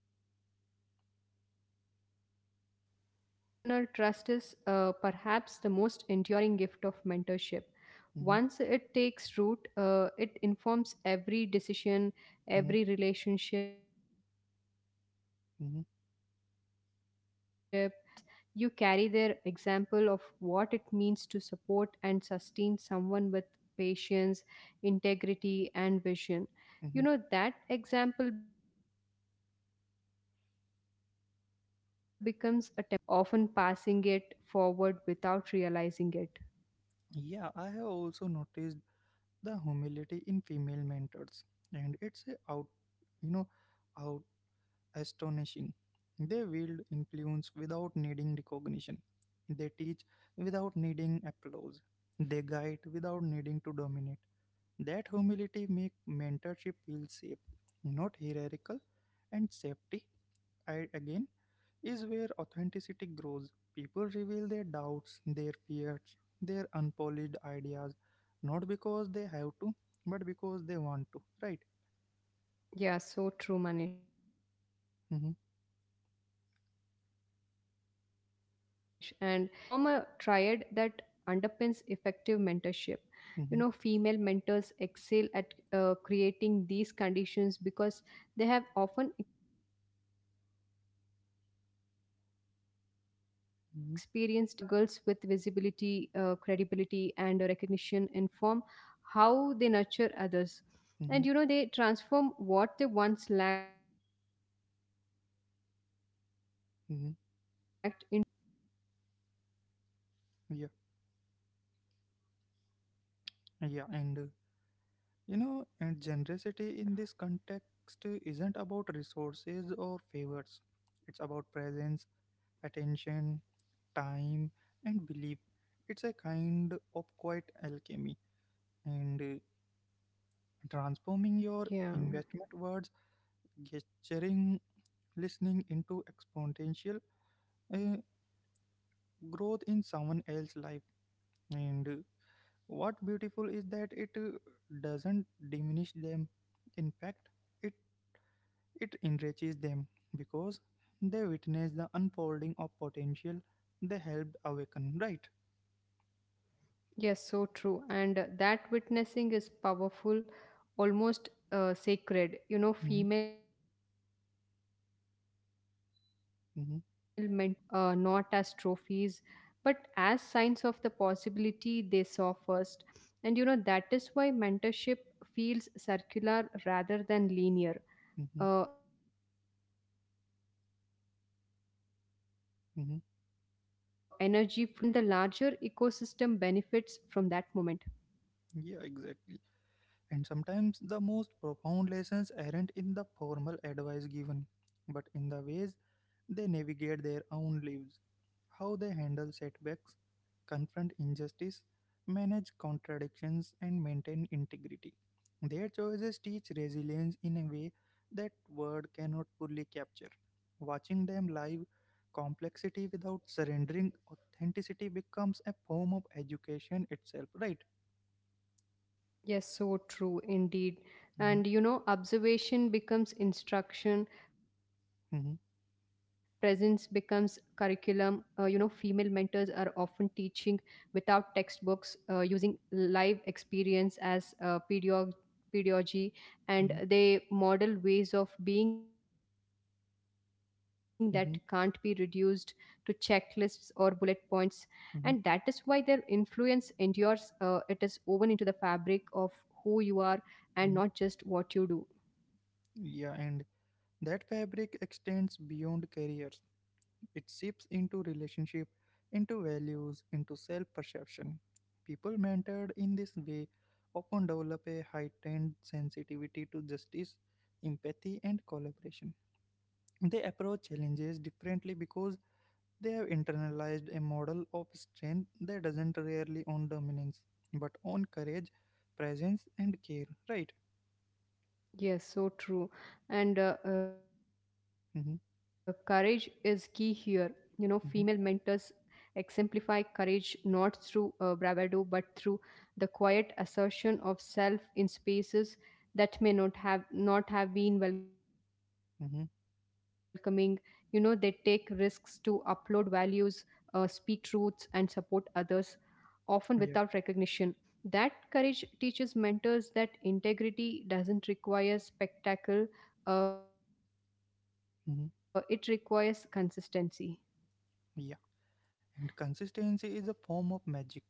Speaker 2: Yeah, so true. And that internal trust is, perhaps the most enduring gift of mentorship. Once
Speaker 1: Mhm,
Speaker 2: it takes root, it informs every decision, every
Speaker 1: mhm,
Speaker 2: relationship, every pivot, and
Speaker 1: mhm,
Speaker 2: you don't just carry their guidance, you carry their example of what it means to support and sustain someone with patience, integrity, and vision. You
Speaker 1: mhm.
Speaker 2: know that example becomes a template your you unconsciously replicate, often passing it forward without realizing it.
Speaker 1: Yeah, I have also noticed the humility in female mentors, and it's a you know, out astonishing. They wield influence without needing recognition. They teach without needing applause. They guide without needing to dominate. That humility make mentorship feel safe, not hierarchical, and safety, I again, is where authenticity grows. People reveal their doubts, their fears, their unpolished ideas, not because they have to, but because they want to, right?
Speaker 2: Yeah, so true, Manish. And you know,
Speaker 1: Mm-hmm,
Speaker 2: safety, authenticity, trust, they form a triad that underpins effective mentorship. You know, female
Speaker 1: mm-hmm,
Speaker 2: mentors excel at creating these conditions because they have often experienced environments where these were absent. Their own struggles
Speaker 1: mm-hmm,
Speaker 2: with visibility, credibility, and recognition inform how they nurture others, and you know,
Speaker 1: mm-hmm,
Speaker 2: they transform what they once lacked into what they now offer generously.
Speaker 1: mm-hmm. Yeah, yeah, and and generosity in this context isn't about resources or favors, it's about
Speaker 2: Hmm.
Speaker 1: presence, attention, time, and belief. It's a kind of quiet alchemy, and transforming your
Speaker 2: Yeah,
Speaker 1: investment words, gesturing, listening into exponential uh, growth in someone else's life. And what beautiful is that it doesn't diminish them, in fact it it enriches them, because they witness the unfolding of potential they helped awaken, right?
Speaker 2: yes, so true. And that witnessing is powerful, almost sacred. You know,
Speaker 1: Mhm,
Speaker 2: female mentors often derive joy from the success of
Speaker 1: mhm,
Speaker 2: others, not as trophies, but as signs of the possibility they saw first. And you know, that is why mentorship feels circular rather than linear.
Speaker 1: mhm,
Speaker 2: Energy flows both ways, mentees grow, mentors
Speaker 1: mhm.
Speaker 2: grow, and the larger ecosystem benefits from that moment.
Speaker 1: Yeah, exactly. And sometimes the most profound lessons aren't in the formal advice given but in the ways they navigate their own lives, how they handle setbacks, confront injustice, manage contradictions, and maintain integrity. Their choices teach resilience in a way that word cannot fully capture. Watching them live complexity without surrendering authenticity becomes a form of education itself, right?
Speaker 2: Yes, so true indeed.
Speaker 1: Mhm,
Speaker 2: And you know, observation becomes instruction, presence
Speaker 1: mhm,
Speaker 2: becomes curriculum. Female mentors are often teaching without textbooks, using live experience as pedagogy, and
Speaker 1: mhm,
Speaker 2: they model ways of being that can't be reduced to
Speaker 1: mhm,
Speaker 2: checklists or bullet points, and that is why their
Speaker 1: mhm,
Speaker 2: influence endures. It is woven into the fabric of who you are, and not
Speaker 1: mhm.
Speaker 2: just what you do.
Speaker 1: Yeah, and that fabric extends beyond careers. It seeps into relationship, into values, into self-perception. People mentored in this way often develop a heightened sensitivity to justice, empathy, and collaboration. They approach challenges differently because they have internalized a model of strength that doesn't rarely on dominance, but on courage, presence, and care. Right?
Speaker 2: Yes, so true. And courage is key
Speaker 1: Mm-hmm,
Speaker 2: here. You know, female mentors
Speaker 1: mm-hmm,
Speaker 2: exemplify courage not through bravado but through the quiet assertion of self in spaces that may not have not have been welcoming. You know,
Speaker 1: mm-hmm,
Speaker 2: they take risks to upload values, speak truths, and support others often without
Speaker 1: yeah,
Speaker 2: recognition. That courage teaches mentors that integrity doesn't require spectacle, it requires consistency.
Speaker 1: mm-hmm, yeah. And consistency is a form of magic.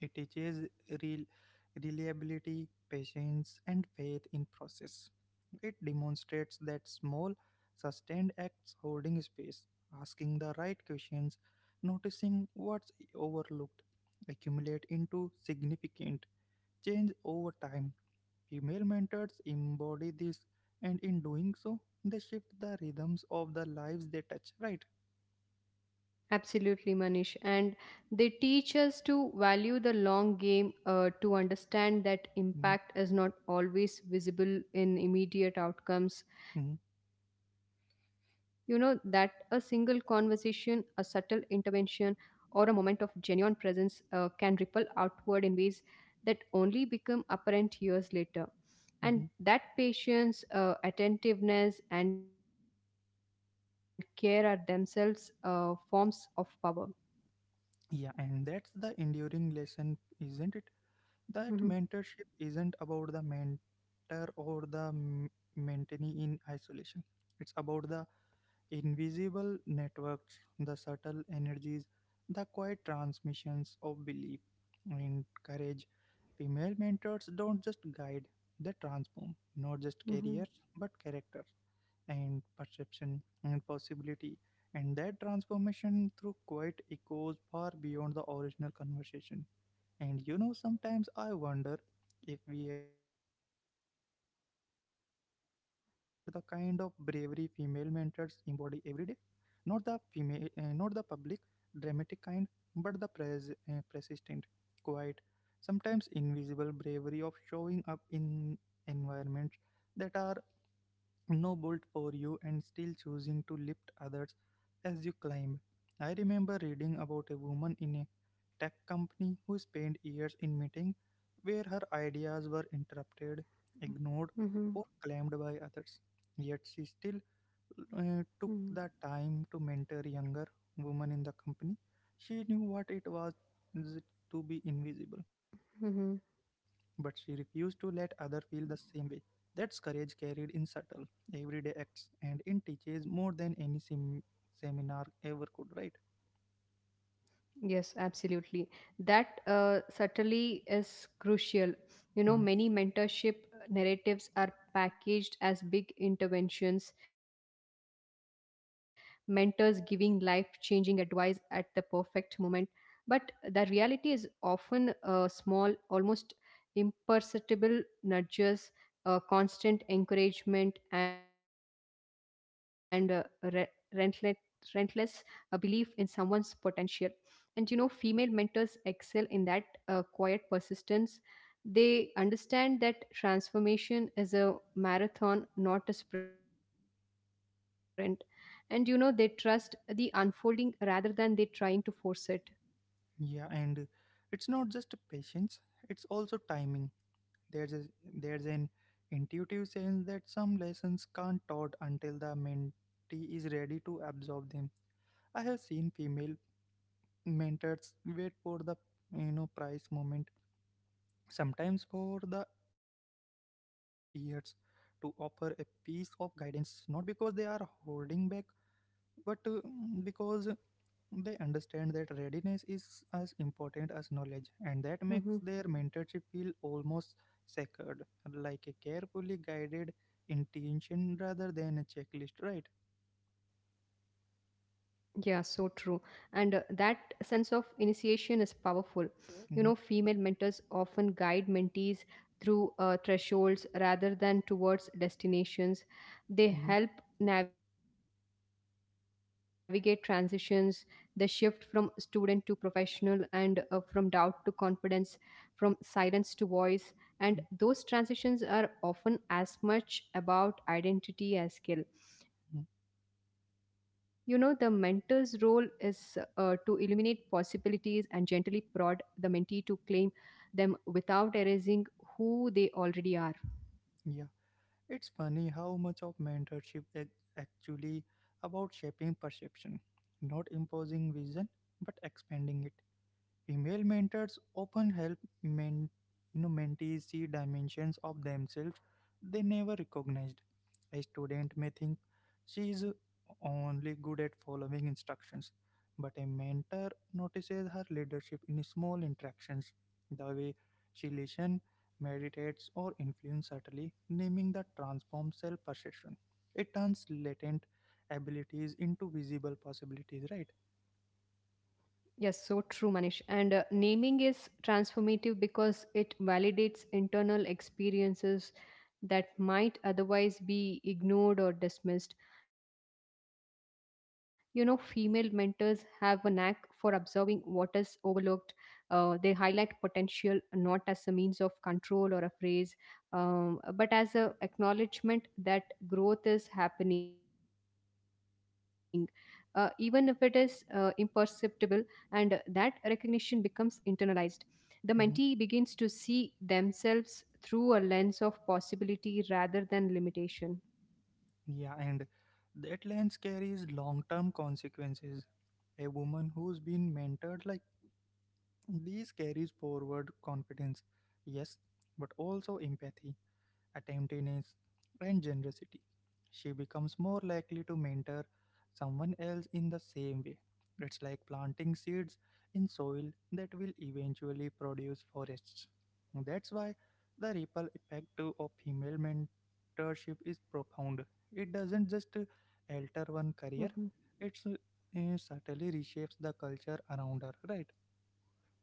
Speaker 1: It teaches real reliability, patience, and faith in process. It demonstrates that small, sustained acts holding space, asking the right questions, noticing what's overlooked, accumulate into significant change over time. Female mentors embody this, and in doing so, they shift the rhythms of the lives they touch, right?
Speaker 2: Absolutely, Manish. And they teach us to value the long game, to understand that
Speaker 1: Mhm,
Speaker 2: impact is not always visible in immediate outcomes.
Speaker 1: mhm,
Speaker 2: You know, that a single conversation, a subtle intervention, or a moment of genuine presence can ripple outward in ways that only become apparent years later. And
Speaker 1: mhm.
Speaker 2: that patience, attentiveness, and care are themselves forms of power.
Speaker 1: Yeah, and that's the enduring lesson, isn't it? That
Speaker 2: Mhm.
Speaker 1: mentorship isn't about the mentor or the mentee in isolation. It's about the invisible networks, the subtle energies, the quiet transmissions of belief and courage. Female mentors don't just guide, they transform not just
Speaker 2: Mhm.
Speaker 1: careers but character and perception and possibility. And that transformation through quiet echoes far beyond the original conversation. And you know, sometimes I wonder if we have even fully appreciate the kind of bravery female mentors embody every day, not the female, not the public, dramatic kind, but the persistent, quiet, sometimes invisible bravery of showing up in environments that are no bolt for you and still choosing to lift others as you climb. I remember reading about a woman in a tech company who spent years in meeting where her ideas were interrupted, ignored,
Speaker 2: Mhm.
Speaker 1: or claimed by others. Yet she
Speaker 2: Mhm.
Speaker 1: still took the time to mentor younger women in the company. She knew what it was to be invisible, but she
Speaker 2: Mhm.
Speaker 1: refused to let others feel the same way. That's courage carried in subtle, everyday acts, and in teaches more than any seminar ever could, right?
Speaker 2: Yes, absolutely. That subtlety is crucial. You know,
Speaker 1: Mhm.
Speaker 2: many mentorship narratives are packaged as big interventions, mentors giving life changing advice at the perfect moment. But the reality is often small, almost imperceptible nudges, constant encouragement, and relentless, relentless belief in someone's potential. And you know, female mentors excel in that quiet persistence. They understand that transformation is a marathon, not a sprint. And you know, they trust the unfolding rather than they trying to force it.
Speaker 1: Yeah, and it's not just patience; it's also timing. There's a, there's an intuitive sense that some lessons can't taught until the mentee is ready to absorb them. I have seen female mentors wait for the you know price moment, sometimes for the years, to offer a piece of guidance, not because they are holding back, but because they understand that readiness is as important as knowledge, and that makes
Speaker 2: Mhm.
Speaker 1: their mentorship feel almost sacred, like a carefully guided intention rather than a checklist, right?
Speaker 2: Yeah, so true. And that sense of initiation is powerful. You know, female
Speaker 1: Hmm.
Speaker 2: mentors often guide mentees through thresholds rather than towards destinations. They
Speaker 1: Hmm.
Speaker 2: help navigate transitions, the shift from student to professional, and from doubt to confidence, from silence to voice. And those
Speaker 1: Hmm.
Speaker 2: transitions are often as much about identity as skill. You know, the mentor's role is to illuminate possibilities and gently prod the mentee to claim them without erasing who they already are.
Speaker 1: Yeah. It's funny how much of mentorship is actually about shaping perception, not imposing vision, but expanding it. Female mentors often help men, you know, mentees see dimensions of themselves they never recognized. A student may think she is only good at following instructions, but a mentor notices her leadership in small interactions, the way she listens, meditates, or influences subtly, naming the transformed self perception. It turns latent abilities into visible possibilities, right?
Speaker 2: Yes, so true, Manish. And naming is transformative because it validates internal experiences that might otherwise be ignored or dismissed. You know, female mentors have a knack for observing what is overlooked. They highlight potential not as a means of control or a phrase, but as a acknowledgement that growth is happening. Even if it is imperceptible, and that recognition becomes internalized. The mentee
Speaker 1: Mm-hmm.
Speaker 2: begins to see themselves through a lens of possibility rather than limitation.
Speaker 1: Yeah, and that lens carries long term consequences. A woman who's been mentored like this carries forward confidence, yes, but also empathy attentiveness, and generosity. She becomes more likely to mentor someone else in the same way. It's like planting seeds in soil that will eventually produce forests. That's why the ripple effect of female mentorship is profound. It doesn't
Speaker 2: Mm-hmm.
Speaker 1: just alter one career, it certainly reshapes the culture around her, right?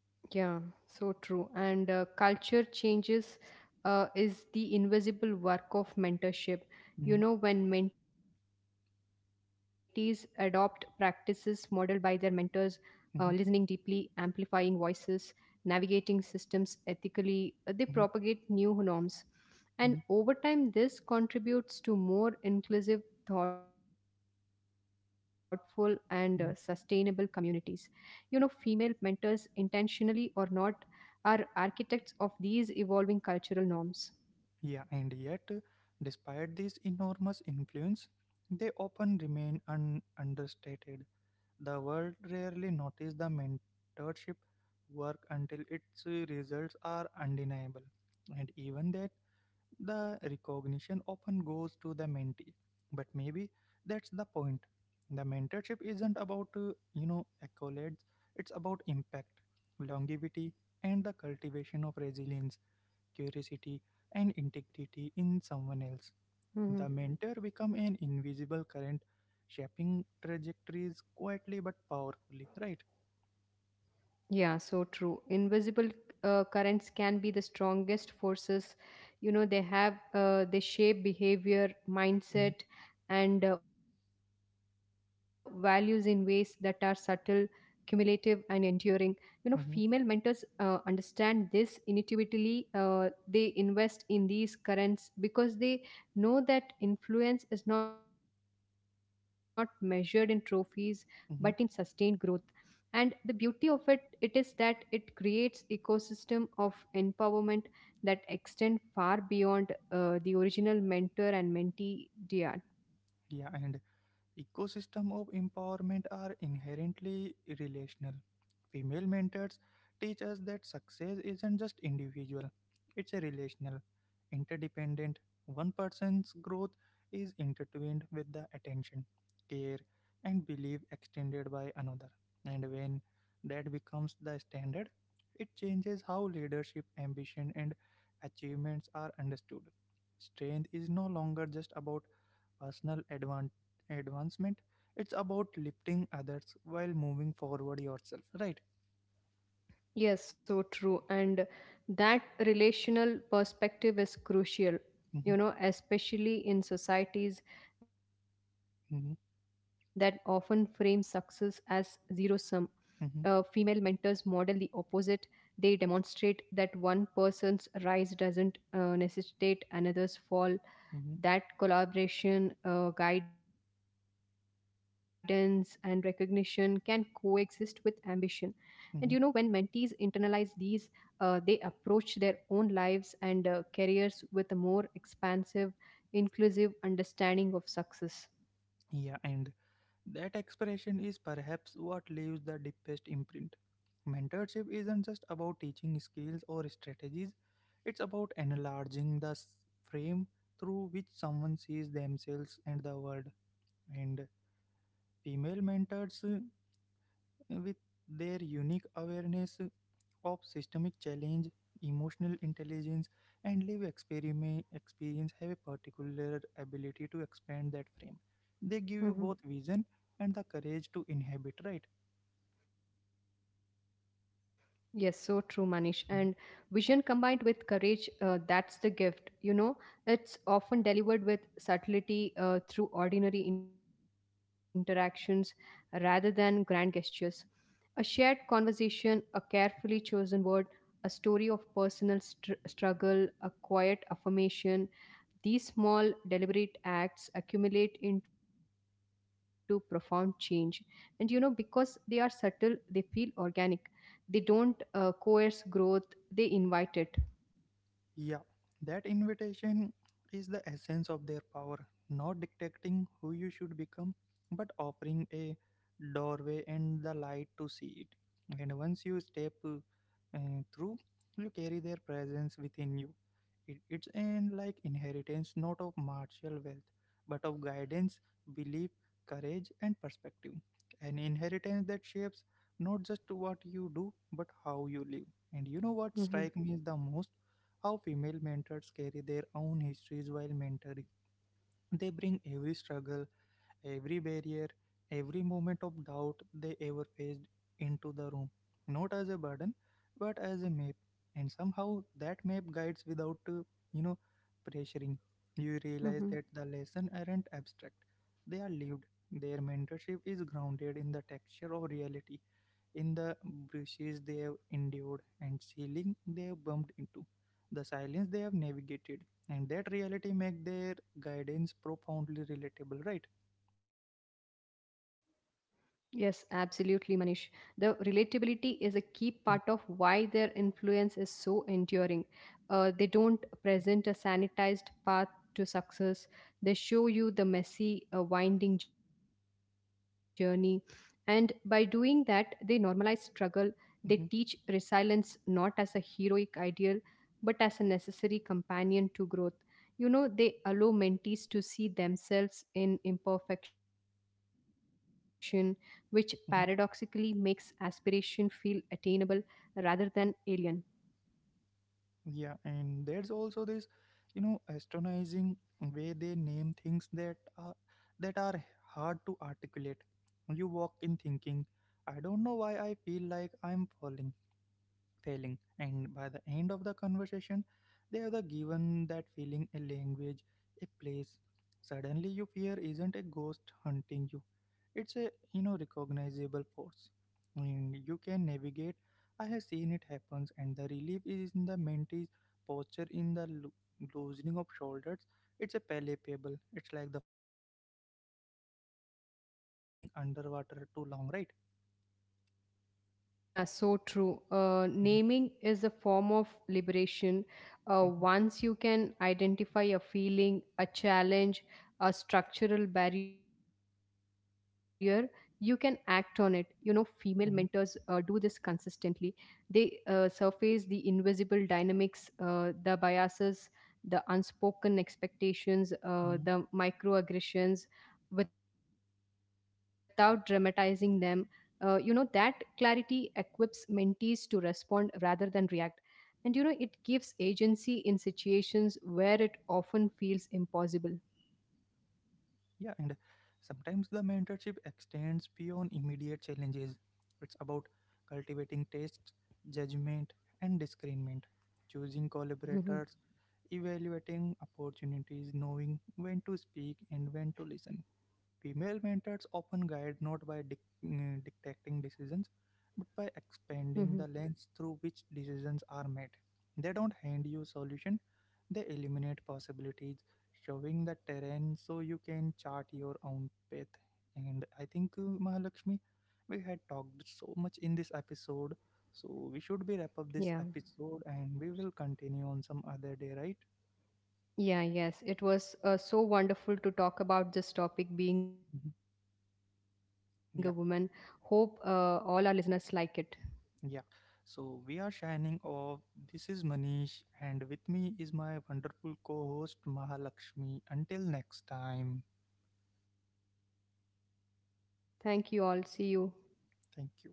Speaker 2: Yeah, so true. And culture changes is the invisible work of mentorship. You
Speaker 1: Mhm,
Speaker 2: know, when mentees adopt practices modeled by their mentors, listening deeply,
Speaker 1: mhm,
Speaker 2: amplifying voices, navigating systems ethically, they
Speaker 1: mhm,
Speaker 2: propagate new norms. And
Speaker 1: mhm,
Speaker 2: over time, this contributes to more inclusive, thoughtful, and sustainable communities.
Speaker 1: mhm.
Speaker 2: You know, female mentors, intentionally or not, are architects of these evolving cultural norms.
Speaker 1: Yeah, and yet, despite this enormous influence, they often remain understated. The world rarely notices the mentorship work until its results are undeniable, and even that, the recognition often goes to the mentee. But maybe that's the point. The mentorship isn't about you know accolades; it's about impact, longevity, and the cultivation of resilience curiosity, and integrity in someone else. The
Speaker 2: Mm-hmm.
Speaker 1: mentor become an invisible current, shaping trajectories quietly but powerfully, right?
Speaker 2: Yeah, so true. Invisible currents can be the strongest forces. You know, they shape behavior, mindset, and values in ways that are subtle, cumulative, and enduring. You know, female
Speaker 1: Mm-hmm.
Speaker 2: mentors understand this intuitively. They invest in these currents because they know that influence is not measured in trophies but in sustained growth.
Speaker 1: Hmm.
Speaker 2: And the beauty of it, it is that it creates ecosystem of empowerment that extend far beyond the original mentor and mentee dyad.
Speaker 1: Yeah, and ecosystem of empowerment are inherently relational. Female mentors teach us that success isn't just individual, it's a relational, interdependent. One person's growth is intertwined with the attention, care, and belief extended by another. And when that becomes the standard, it changes how leadership, ambition, and achievements are understood. Strength is no longer just about personal advancement. It's about lifting others while moving forward yourself, right?
Speaker 2: Yes, so true. And that relational perspective is crucial. You
Speaker 1: Mhm,
Speaker 2: know, especially in societies that often frame
Speaker 1: mhm,
Speaker 2: success as zero sum, female mentors
Speaker 1: mhm,
Speaker 2: model the opposite. They demonstrate that one person's rise doesn't necessitate another's fall, that
Speaker 1: mhm,
Speaker 2: collaboration, guidance, and recognition can coexist with ambition. And you know, when mentees
Speaker 1: mhm.
Speaker 2: internalize these, they approach their own lives and careers with a more expansive, inclusive understanding of success.
Speaker 1: Yeah, and that expression is perhaps what leaves the deepest imprint. Mentorship isn't just about teaching skills or strategies, it's about enlarging the frame through which someone sees themselves and the world. And female mentors, with their unique awareness of systemic challenge, emotional intelligence, and live experiment, experience have a particular ability to expand that frame. They give you
Speaker 2: Mhm.
Speaker 1: both vision and the courage to inhabit, right?
Speaker 2: Yes, so true, Manish. And vision combined with courage, that's the gift. You know, it's often delivered with subtlety through ordinary interactions rather than grand gestures. A shared conversation, a carefully chosen word, a story of personal struggle, a quiet affirmation, these small deliberate acts accumulate into profound change. And you know, because they are subtle, they feel organic. They don't coerce growth, they invite it.
Speaker 1: Yeah, that invitation is the essence of their power, not dictating who you should become, but offering a doorway and the light to see it. And once you step uh, through, you carry their presence within you. It's an like inheritance not of martial wealth, but of guidance, belief, courage, and perspective. An inheritance that shapes not just what you do, but how you live. And you know what strikes me is the most? How female mentors carry their own histories while mentoring. They bring every struggle, every barrier, every moment of doubt they ever faced into the room, not as a burden, but as a map. And somehow that map guides without, you know, pressuring. You realize
Speaker 2: Mm-hmm.
Speaker 1: that the lessons aren't abstract; they are lived. Their mentorship is grounded in the texture of reality, in the bruises they have endured, and ceiling they have bumped into, the silence they have navigated, and that reality makes their guidance profoundly relatable. Right?
Speaker 2: Yes, absolutely, Manish. The relatability is a key part of
Speaker 1: Mm-hmm.
Speaker 2: why their influence is so enduring. They don't present a sanitized path to success, they show you the messy, winding journey. And by doing that, they normalize struggle. They teach
Speaker 1: Mhm,
Speaker 2: resilience not as a heroic ideal, but as a necessary companion to growth. You know, they allow mentees to see themselves in imperfection, which paradoxically
Speaker 1: mhm.
Speaker 2: makes aspiration feel attainable rather than alien.
Speaker 1: Yeah, and there's also this, you know, astonishing way they name things that are hard to articulate. You walk in thinking, I don't know why I feel like I'm falling, failing, and by the end of the conversation they have the given that feeling a language, a place. Suddenly your fear isn't a ghost hunting you, it's a you know recognizable force, and you can navigate. I have seen it happens, and the relief is in the mentee's posture, in the loosening of shoulders. It's a palpable, it's like the first breath after being underwater too long, right?
Speaker 2: Yeah, so true. Uh,
Speaker 1: Mm-hmm,
Speaker 2: naming is a form of liberation. Uh,
Speaker 1: mm-hmm,
Speaker 2: once you can identify a feeling, a challenge, a structural barrier, you can act on it. You know, female mentors do this
Speaker 1: mm-hmm,
Speaker 2: consistently. They surface the invisible dynamics, the biases, the unspoken expectations,
Speaker 1: mm-hmm.
Speaker 2: the microaggressions without dramatizing them. You know, that clarity equips mentees to respond rather than react. And you know, it gives agency in situations where it often feels impossible.
Speaker 1: Yeah, and sometimes the mentorship extends beyond immediate challenges. It's about cultivating taste, judgment, and discernment, choosing
Speaker 2: Mhm,
Speaker 1: collaborators, evaluating opportunities, knowing when to speak and when to listen. Female mentors often guide not by dictating decisions, but by
Speaker 2: mhm.
Speaker 1: expanding the lens through which decisions are made. They don't hand you solution, they eliminate possibilities, showing the terrain so you can chart your own path. And I think, Mahalakshmi, we had talked so much in this episode. So we should
Speaker 2: Yeah.
Speaker 1: be wrap up this episode and we will continue on some other day, right?
Speaker 2: Yeah, yes. It was so wonderful to talk about this topic, being
Speaker 1: Mhm.
Speaker 2: a woman.
Speaker 1: Yeah,
Speaker 2: Hope all our listeners like it.
Speaker 1: yeah. So we are shining off. This is Manish, and with me is my wonderful co host Mahalakshmi. Until next time,
Speaker 2: Thank you all. See you.
Speaker 1: thank you.